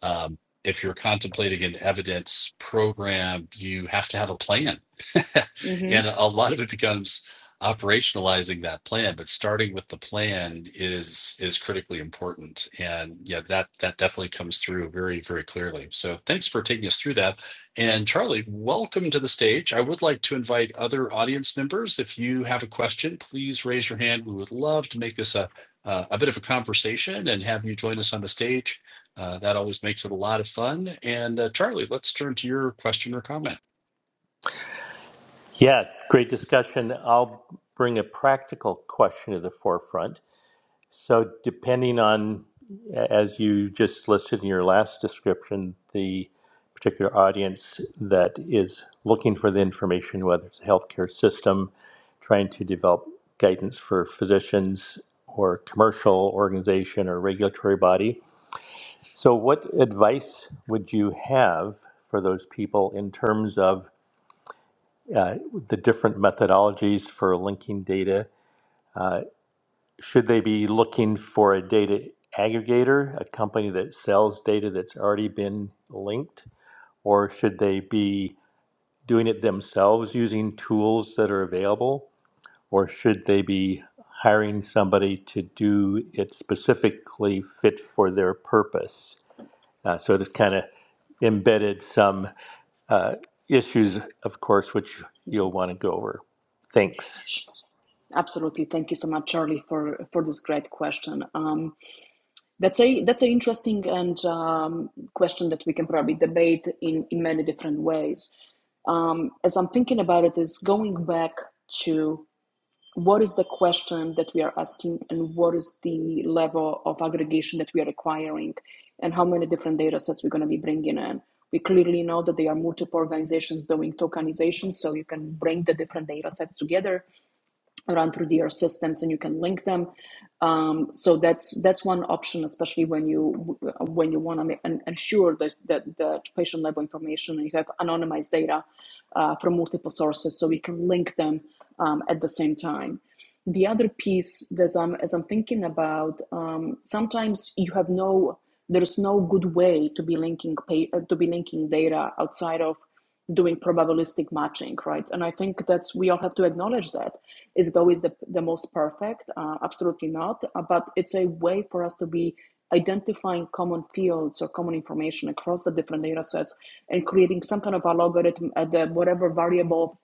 [SPEAKER 3] um, if you're contemplating an evidence program, you have to have a plan. <laughs>
[SPEAKER 2] hmm
[SPEAKER 3] And a lot of it becomes operationalizing that plan, but starting with the plan is is critically important. And yeah, that that definitely comes through very, very clearly. So thanks for taking us through that. And Charlie, welcome to the stage. I would like to invite other audience members. If you have a question, please raise your hand. We would love to make this a a a bit of a conversation and have you join us on the stage. Uh, that always makes it a lot of fun. And uh, Charlie, let's turn to your question or comment.
[SPEAKER 4] Yeah, great discussion. I'll bring a practical question to the forefront. So, depending on, as you just listed in your last description, the particular audience that is looking for the information, whether it's a healthcare system, trying to develop guidance for physicians or commercial organization or regulatory body. So, what advice would you have for those people in terms of uh, the different methodologies for linking data. Uh, should they be looking for a data aggregator, a company that sells data that's already been linked, or should they be doing it themselves using tools that are available, or should they be hiring somebody to do it specifically fit for their purpose? Uh, so this kind of embedded some uh, issues, of course, which you'll want to go over. Thanks.
[SPEAKER 2] Absolutely. Thank you so much, Charlie, for for this great question. Um, that's a that's an interesting and um, question that we can probably debate in in many different ways. Um, as I'm thinking about it, is going back to what is the question that we are asking and what is the level of aggregation that we are requiring and how many different data sets we're going to be bringing in. We clearly know that there are multiple organizations doing tokenization, so you can bring the different data sets together run through their systems and you can link them um, so that's that's one option especially when you when you want to ensure that that the patient level information and you have anonymized data uh, from multiple sources so we can link them um, at the same time the other piece that I'm, as i'm thinking about um, sometimes you have no there's no good way to be linking uh, to be linking data outside of doing probabilistic matching, right? And I think that's we all have to acknowledge that. Is it always the, the most perfect? Uh, absolutely not. Uh, but it's a way for us to be identifying common fields or common information across the different data sets and creating some kind of a logarithm at the whatever variable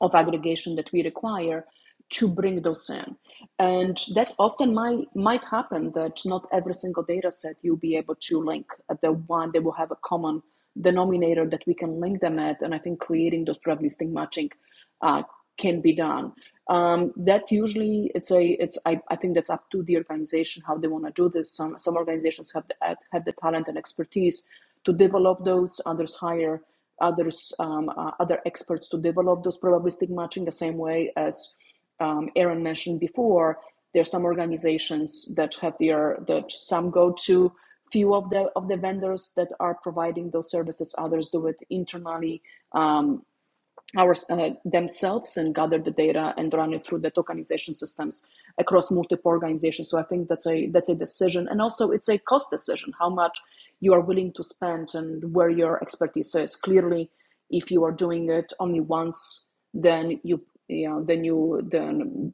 [SPEAKER 2] of aggregation that we require to bring those in. And that often might, might happen that not every single data set you'll be able to link at the one that will have a common denominator that we can link them at. And I think creating those probabilistic matching uh, can be done. Um, that usually it's a it's I, I think that's up to the organization how they want to do this. Some some organizations have the, have the talent and expertise to develop those. Others hire others um, uh, other experts to develop those probabilistic matching. The same way as um, Aaron mentioned before, there are some organizations that have their that some go to few of the of the vendors that are providing those services. Others do it internally Um, our, uh, themselves and gather the data and run it through the tokenization systems across multiple organizations. So I think that's a that's a decision, and also it's a cost decision how much you are willing to spend and where your expertise is. Clearly, if you are doing it only once, then you you know then you then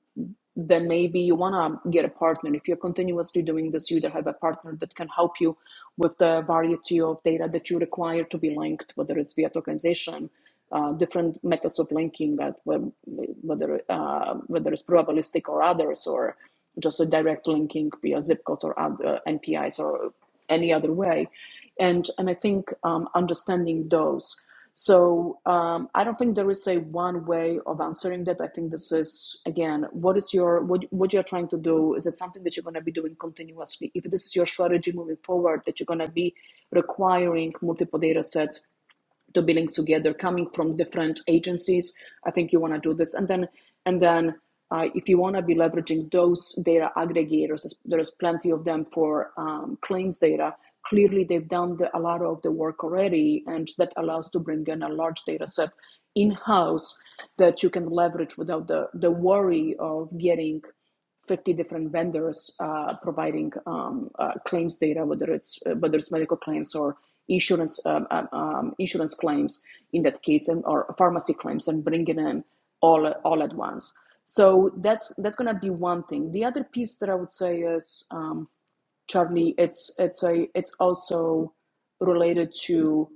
[SPEAKER 2] then maybe you want to get a partner. If you're continuously doing this, you either have a partner that can help you with the variety of data that you require to be linked, whether it's via tokenization uh, different methods of linking that web, whether uh, whether it's probabilistic or others or just a direct linking via zip codes or other NPIs or any other way, and and I think um, understanding those. So um, I don't think there is a one way of answering that. I think this is again, what is your what what you're trying to do? Is it something that you're going to be doing continuously? If this is your strategy moving forward, that you're going to be requiring multiple data sets. To be linked together coming from different agencies i think you want to do this and then and then uh, if you want to be leveraging those data aggregators there's there's plenty of them for um, claims data clearly they've done the, a lot of the work already and that allows to bring in a large data set in-house that you can leverage without the, the worry of getting 50 different vendors uh, providing um, uh, claims data, whether it's uh, whether it's medical claims or insurance um, um, um, insurance claims in that case, and or pharmacy claims, and bringing in all all at once. So that's that's going to be one thing. The other piece that I would say is um, Charlie, it's it's a it's also related to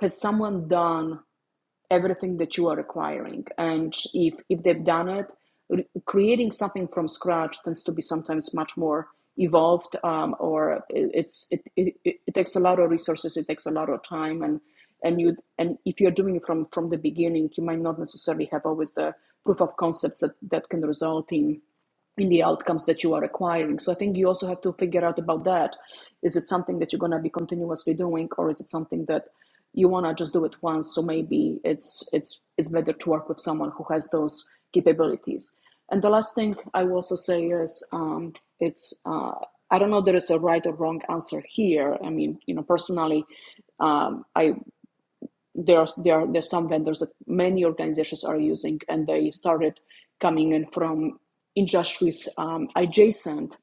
[SPEAKER 2] has someone done everything that you are requiring. And if if they've done it, creating something from scratch tends to be sometimes much more evolved, um, or it, it's it it it takes a lot of resources, it takes a lot of time, and and you and if you're doing it from from the beginning, you might not necessarily have always the proof of concepts that that can result in in the outcomes that you are acquiring. So I think you also have to figure out about that. Is it something that you're going to be continuously doing, or is it something that you want to just do it once so maybe it's it's it's better to work with someone who has those capabilities and the last thing i will also say is um, it's uh, i don't know there is a right or wrong answer here i mean you know personally um, i there are there are there's some vendors that many organizations are using, and they started coming in from industries um, adjacent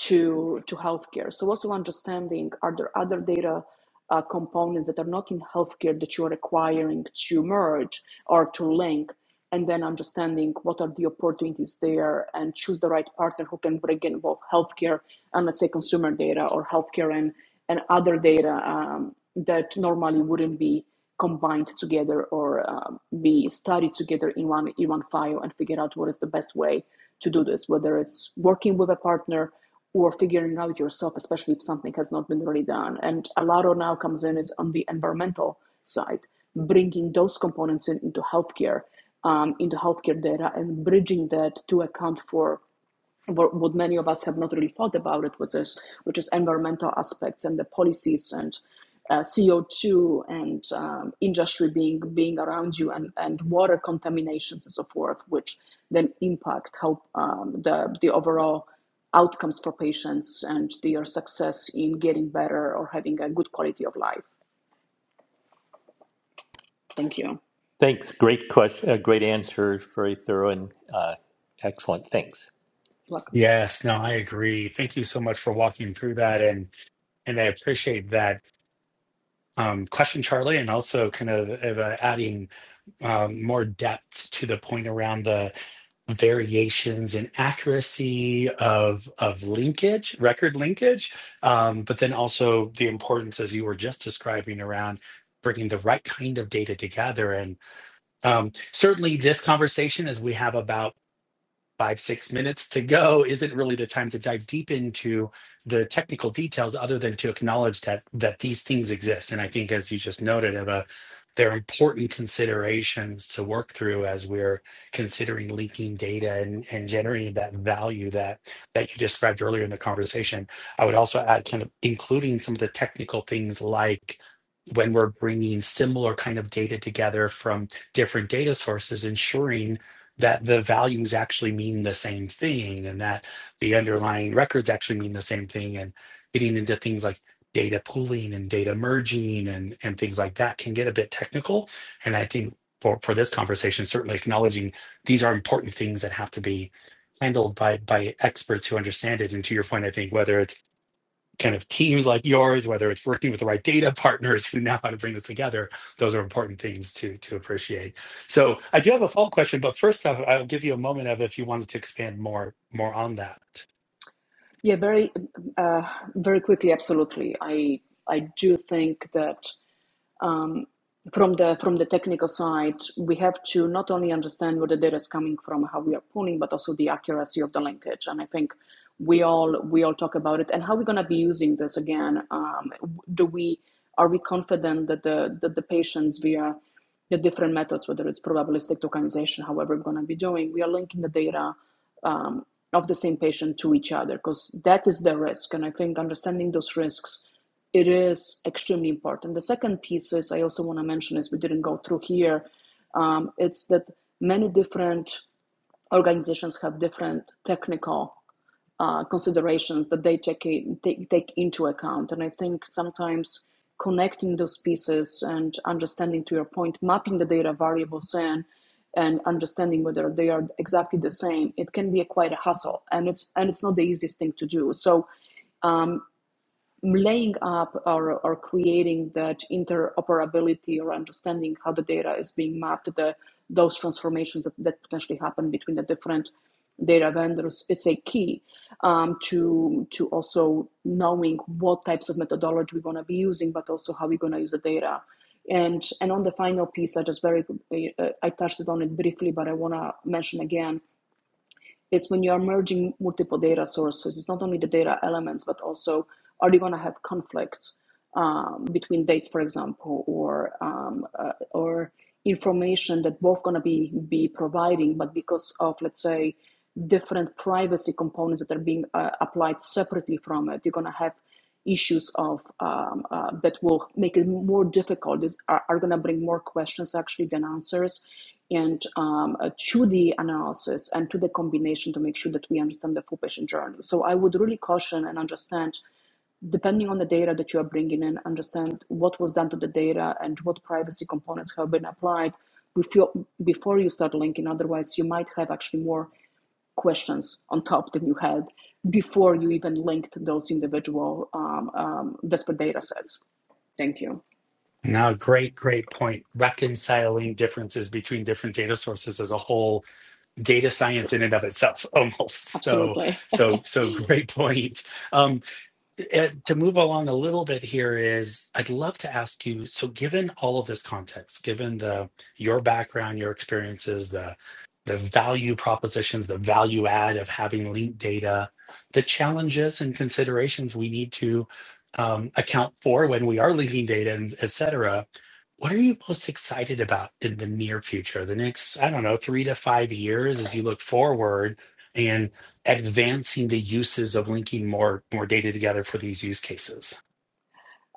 [SPEAKER 2] to to healthcare. So also understanding are there other data uh, components that are not in healthcare that you are requiring to merge or to link and then understanding what are the opportunities there and choose the right partner who can bring in both healthcare and let's say consumer data or healthcare and, and other data um, that normally wouldn't be combined together or um, be studied together in one in one file and figure out what is the best way to do this whether it's working with a partner or figuring out yourself, especially if something has not been really done. And a lot of now comes in is on the environmental side, bringing those components in, into healthcare, um, into healthcare data, and bridging that to account for what many of us have not really thought about it, which is which is environmental aspects and the policies and uh, CO two and um, industry being being around you and, and water contaminations and so forth, which then impact how um, the the overall outcomes for patients and their success in getting better or having a good quality of life. Thank you. You're
[SPEAKER 4] Thanks. Great question. Uh, great answer. Very thorough and uh, excellent. Thanks.
[SPEAKER 2] welcome.
[SPEAKER 1] Yes, no, I agree. Thank you so much for walking through that, and and I appreciate that um, question, Charlie, and also kind of uh, adding um, more depth to the point around the variations in accuracy of of linkage, record linkage, um, but then also the importance, as you were just describing, around bringing the right kind of data together. And um, certainly, this conversation, as we have about five, six minutes to go isn't really the time to dive deep into the technical details other than to acknowledge that that these things exist. And I think as you just noted, Eva, they're important considerations to work through as we're considering linking data and, and generating that value that that you described earlier in the conversation. I would also add kind of including some of the technical things like when we're bringing similar kind of data together from different data sources, ensuring that the values actually mean the same thing and that the underlying records actually mean the same thing and getting into things like data pooling and data merging and, and things like that can get a bit technical and i think for, for this conversation certainly acknowledging these are important things that have to be handled by by experts who understand it and to your point i think whether it's kind of teams like yours, whether it's working with the right data <laughs> partners who know how to bring this together, those are important things to to appreciate. So I do have a follow-up question, but first off, I'll give you a moment of if you wanted to expand more more on that.
[SPEAKER 2] Yeah, very uh, very quickly. Absolutely, I I do think that. um, from the from the technical side, we have to not only understand where the data is coming from, how we are pulling, but also the accuracy of the linkage. And I think we all we all talk about it and how we're going to be using this again. Um, do we are we confident that the that the patients via the different methods, whether it's probabilistic tokenization, however we're going to be doing, we are linking the data um, of the same patient to each other because that is the risk and i think understanding those risks it is extremely important the second piece is i also want to mention is we didn't go through here um, it's that many different organizations have different technical uh, considerations that they take, in, take take into account. And I think sometimes connecting those pieces and understanding, to your point, mapping the data variables in and understanding whether they are exactly the same, it can be a quite a hassle, and it's and it's not the easiest thing to do. So laying up or, or creating that interoperability or understanding how the data is being mapped, the, those transformations that, that potentially happen between the different data vendors is a key um, to to also knowing what types of methodology we're going to be using, but also how we're going to use the data. And and on the final piece, I just very uh, I touched on it briefly, but I want to mention again is when you are merging multiple data sources, it's not only the data elements, but also are you going to have conflicts um, between dates, for example, or um, uh, or information that both going to be be providing, but because of let's say different privacy components that are being uh, applied separately from it, you're going to have issues of um, uh, that will make it more difficult. Is are, are going to bring more questions actually than answers and um, uh, to the analysis and to the combination to make sure that we understand the full patient journey. So I would really caution and understand, depending on the data that you are bringing in, understand what was done to the data and what privacy components have been applied before, before you start linking. Otherwise, you might have actually more questions on top than you had before you even linked those individual um, um, disparate data sets. Thank you.
[SPEAKER 1] Now, great, great point. Reconciling differences between different data sources as a whole, data science in and of itself, <laughs> almost. So,
[SPEAKER 2] Absolutely.
[SPEAKER 1] so, so great point. Um, uh, to move along a little bit here is I'd love to ask you, so given all of this context, given the your background, your experiences, the the value propositions, the value add of having linked data, the challenges and considerations we need to um, account for when we are linking data and et cetera, what are you most excited about in the near future, the next, I don't know, three to five years as you look forward? and advancing the uses of linking more more data together for these use cases.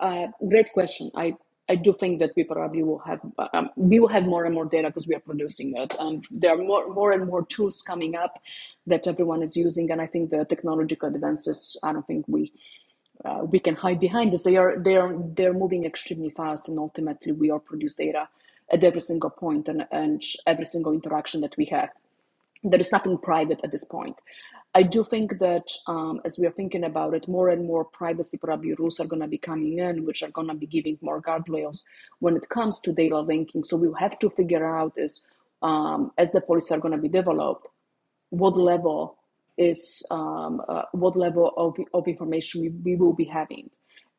[SPEAKER 2] Uh, great question. I, I do think that we probably will have um, we will have more and more data because we are producing it, and there are more more and more tools coming up that everyone is using. And I think the technological advances. I don't think we uh, we can hide behind this. They are they are they're moving extremely fast, and ultimately we are produce data at every single point and, and every single interaction that we have there is nothing private at this point. I do think that um, as we are thinking about it, more and more privacy probably rules are going to be coming in, which are going to be giving more guardrails when it comes to data linking. So we have to figure out is um, as the policies are going to be developed, what level is um, uh, what level of, of information we, we will be having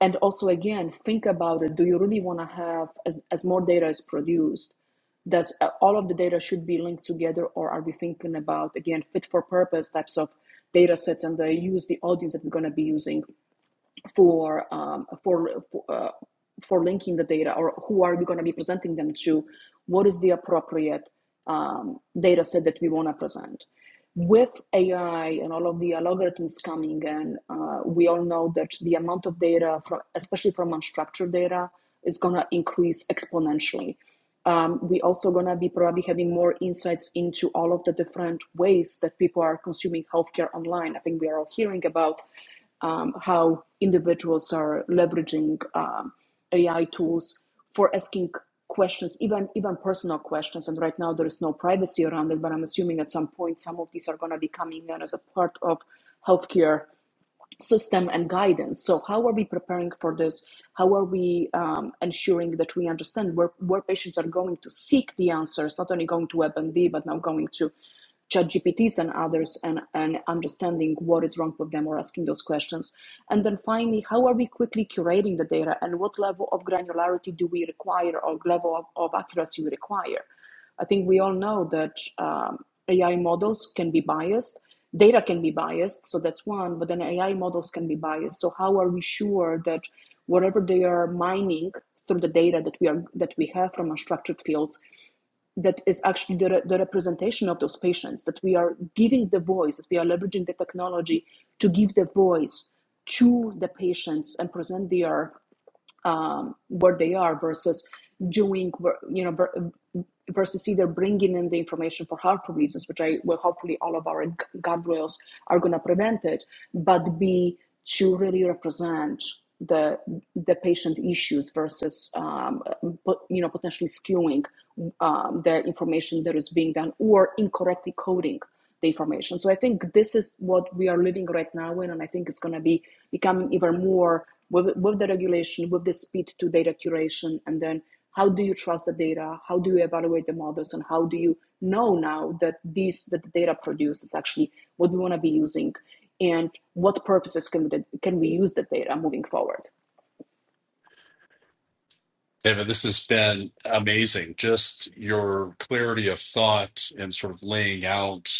[SPEAKER 2] and also again think about it do you really want to have as, as more data is produced does uh, all of the data should be linked together or are we thinking about again fit for purpose types of data sets and the use the audience that we're going to be using for um, for for, uh, for linking the data, or who are we going to be presenting them to? What is the appropriate um, data set that we want to present? With AI and all of the algorithms coming in, uh, we all know that the amount of data, from, especially from unstructured data, is going to increase exponentially. Um, we also going to be probably having more insights into all of the different ways that people are consuming healthcare online. I think we are all hearing about um, how individuals are leveraging um, AI tools for asking questions, even even personal questions. And right now there is no privacy around it, but I'm assuming at some point some of these are going to be coming in as a part of healthcare system and guidance. So, how are we preparing for this? How are we um, ensuring that we understand where, where patients are going to seek the answers, not only going to WebMD, but now going to ChatGPTs and others, and, and understanding what is wrong with them or asking those questions? And then finally, how are we quickly curating the data and what level of granularity do we require or level of, of accuracy we require? I think we all know that um, AI models can be biased, data can be biased, so that's one, but then AI models can be biased. So how are we sure that whatever they are mining through the data that we are that we have from unstructured fields, that is actually the, re- the representation of those patients, that we are giving the voice, that we are leveraging the technology to give the voice to the patients and present their um, where they are versus doing you know versus either bringing in the information for harmful reasons, which I well hopefully all of our g- guardrails are going to prevent it, but be to really represent the the patient issues versus um, you know potentially skewing um, the information that is being done or incorrectly coding the information. So I think this is what we are living right now in, and I think it's going to be becoming even more with, with the regulation, with the speed to data curation, and then how do you trust the data? How do you evaluate the models, and how do you know now that these that the data produced is actually what we want to be using, and what purposes can we, can we use the data moving forward?
[SPEAKER 3] David, this has been amazing. Just your clarity of thought and sort of laying out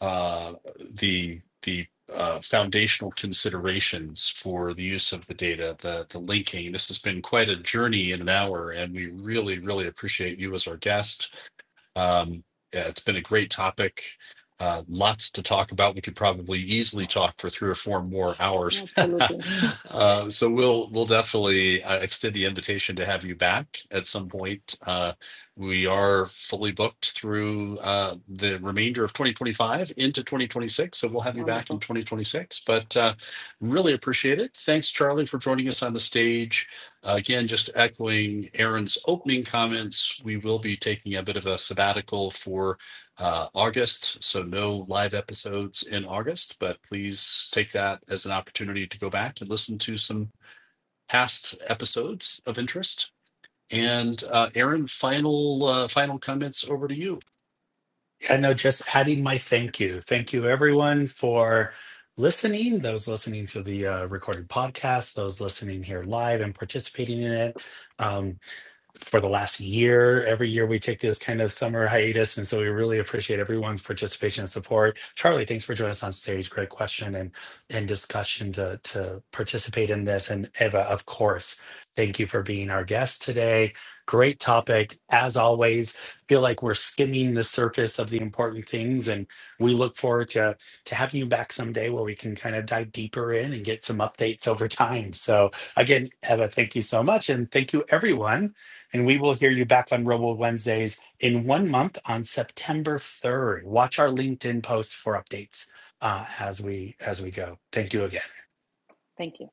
[SPEAKER 3] uh, the the uh, foundational considerations for the use of the data, the the linking. This has been quite a journey in an hour, and we really, really appreciate you as our guest Um, yeah, it's been a great topic. Uh, lots to talk about. We could probably easily talk for three or four more hours.
[SPEAKER 2] Absolutely
[SPEAKER 3] <laughs> uh, so we'll we'll definitely uh, extend the invitation to have you back at some point. Uh, we are fully booked through uh, the remainder of 2025 into 2026, so we'll have you back in
[SPEAKER 2] wonderful.
[SPEAKER 3] 2026. But uh, really appreciate it. Thanks, Charlie, for joining us on the stage. Again, just echoing Aaron's opening comments, we will be taking a bit of a sabbatical for uh, August. So, no live episodes in August, but please take that as an opportunity to go back and listen to some past episodes of interest. And uh, Aaron, final uh, final comments over to you.
[SPEAKER 1] I know just adding my thank you. Thank you everyone for listening, those listening to the uh, recorded podcast, those listening here live and participating in it. Um, for the last year. Every year we take this kind of summer hiatus. And so we really appreciate everyone's participation and support. Charlie, thanks for joining us on stage. Great question and, and discussion to, to participate in this. And Eva, of course, thank you for being our guest today. Great topic. As always, feel like we're skimming the surface of the important things. And we look forward to, to having you back someday where we can kind of dive deeper in and get some updates over time. So again, Eva, thank you so much. And thank you everyone and we will hear you back on Robo Wednesdays in one month on September 3rd. Watch our LinkedIn posts for updates uh, as we as we go. Thank you again.
[SPEAKER 2] Thank you.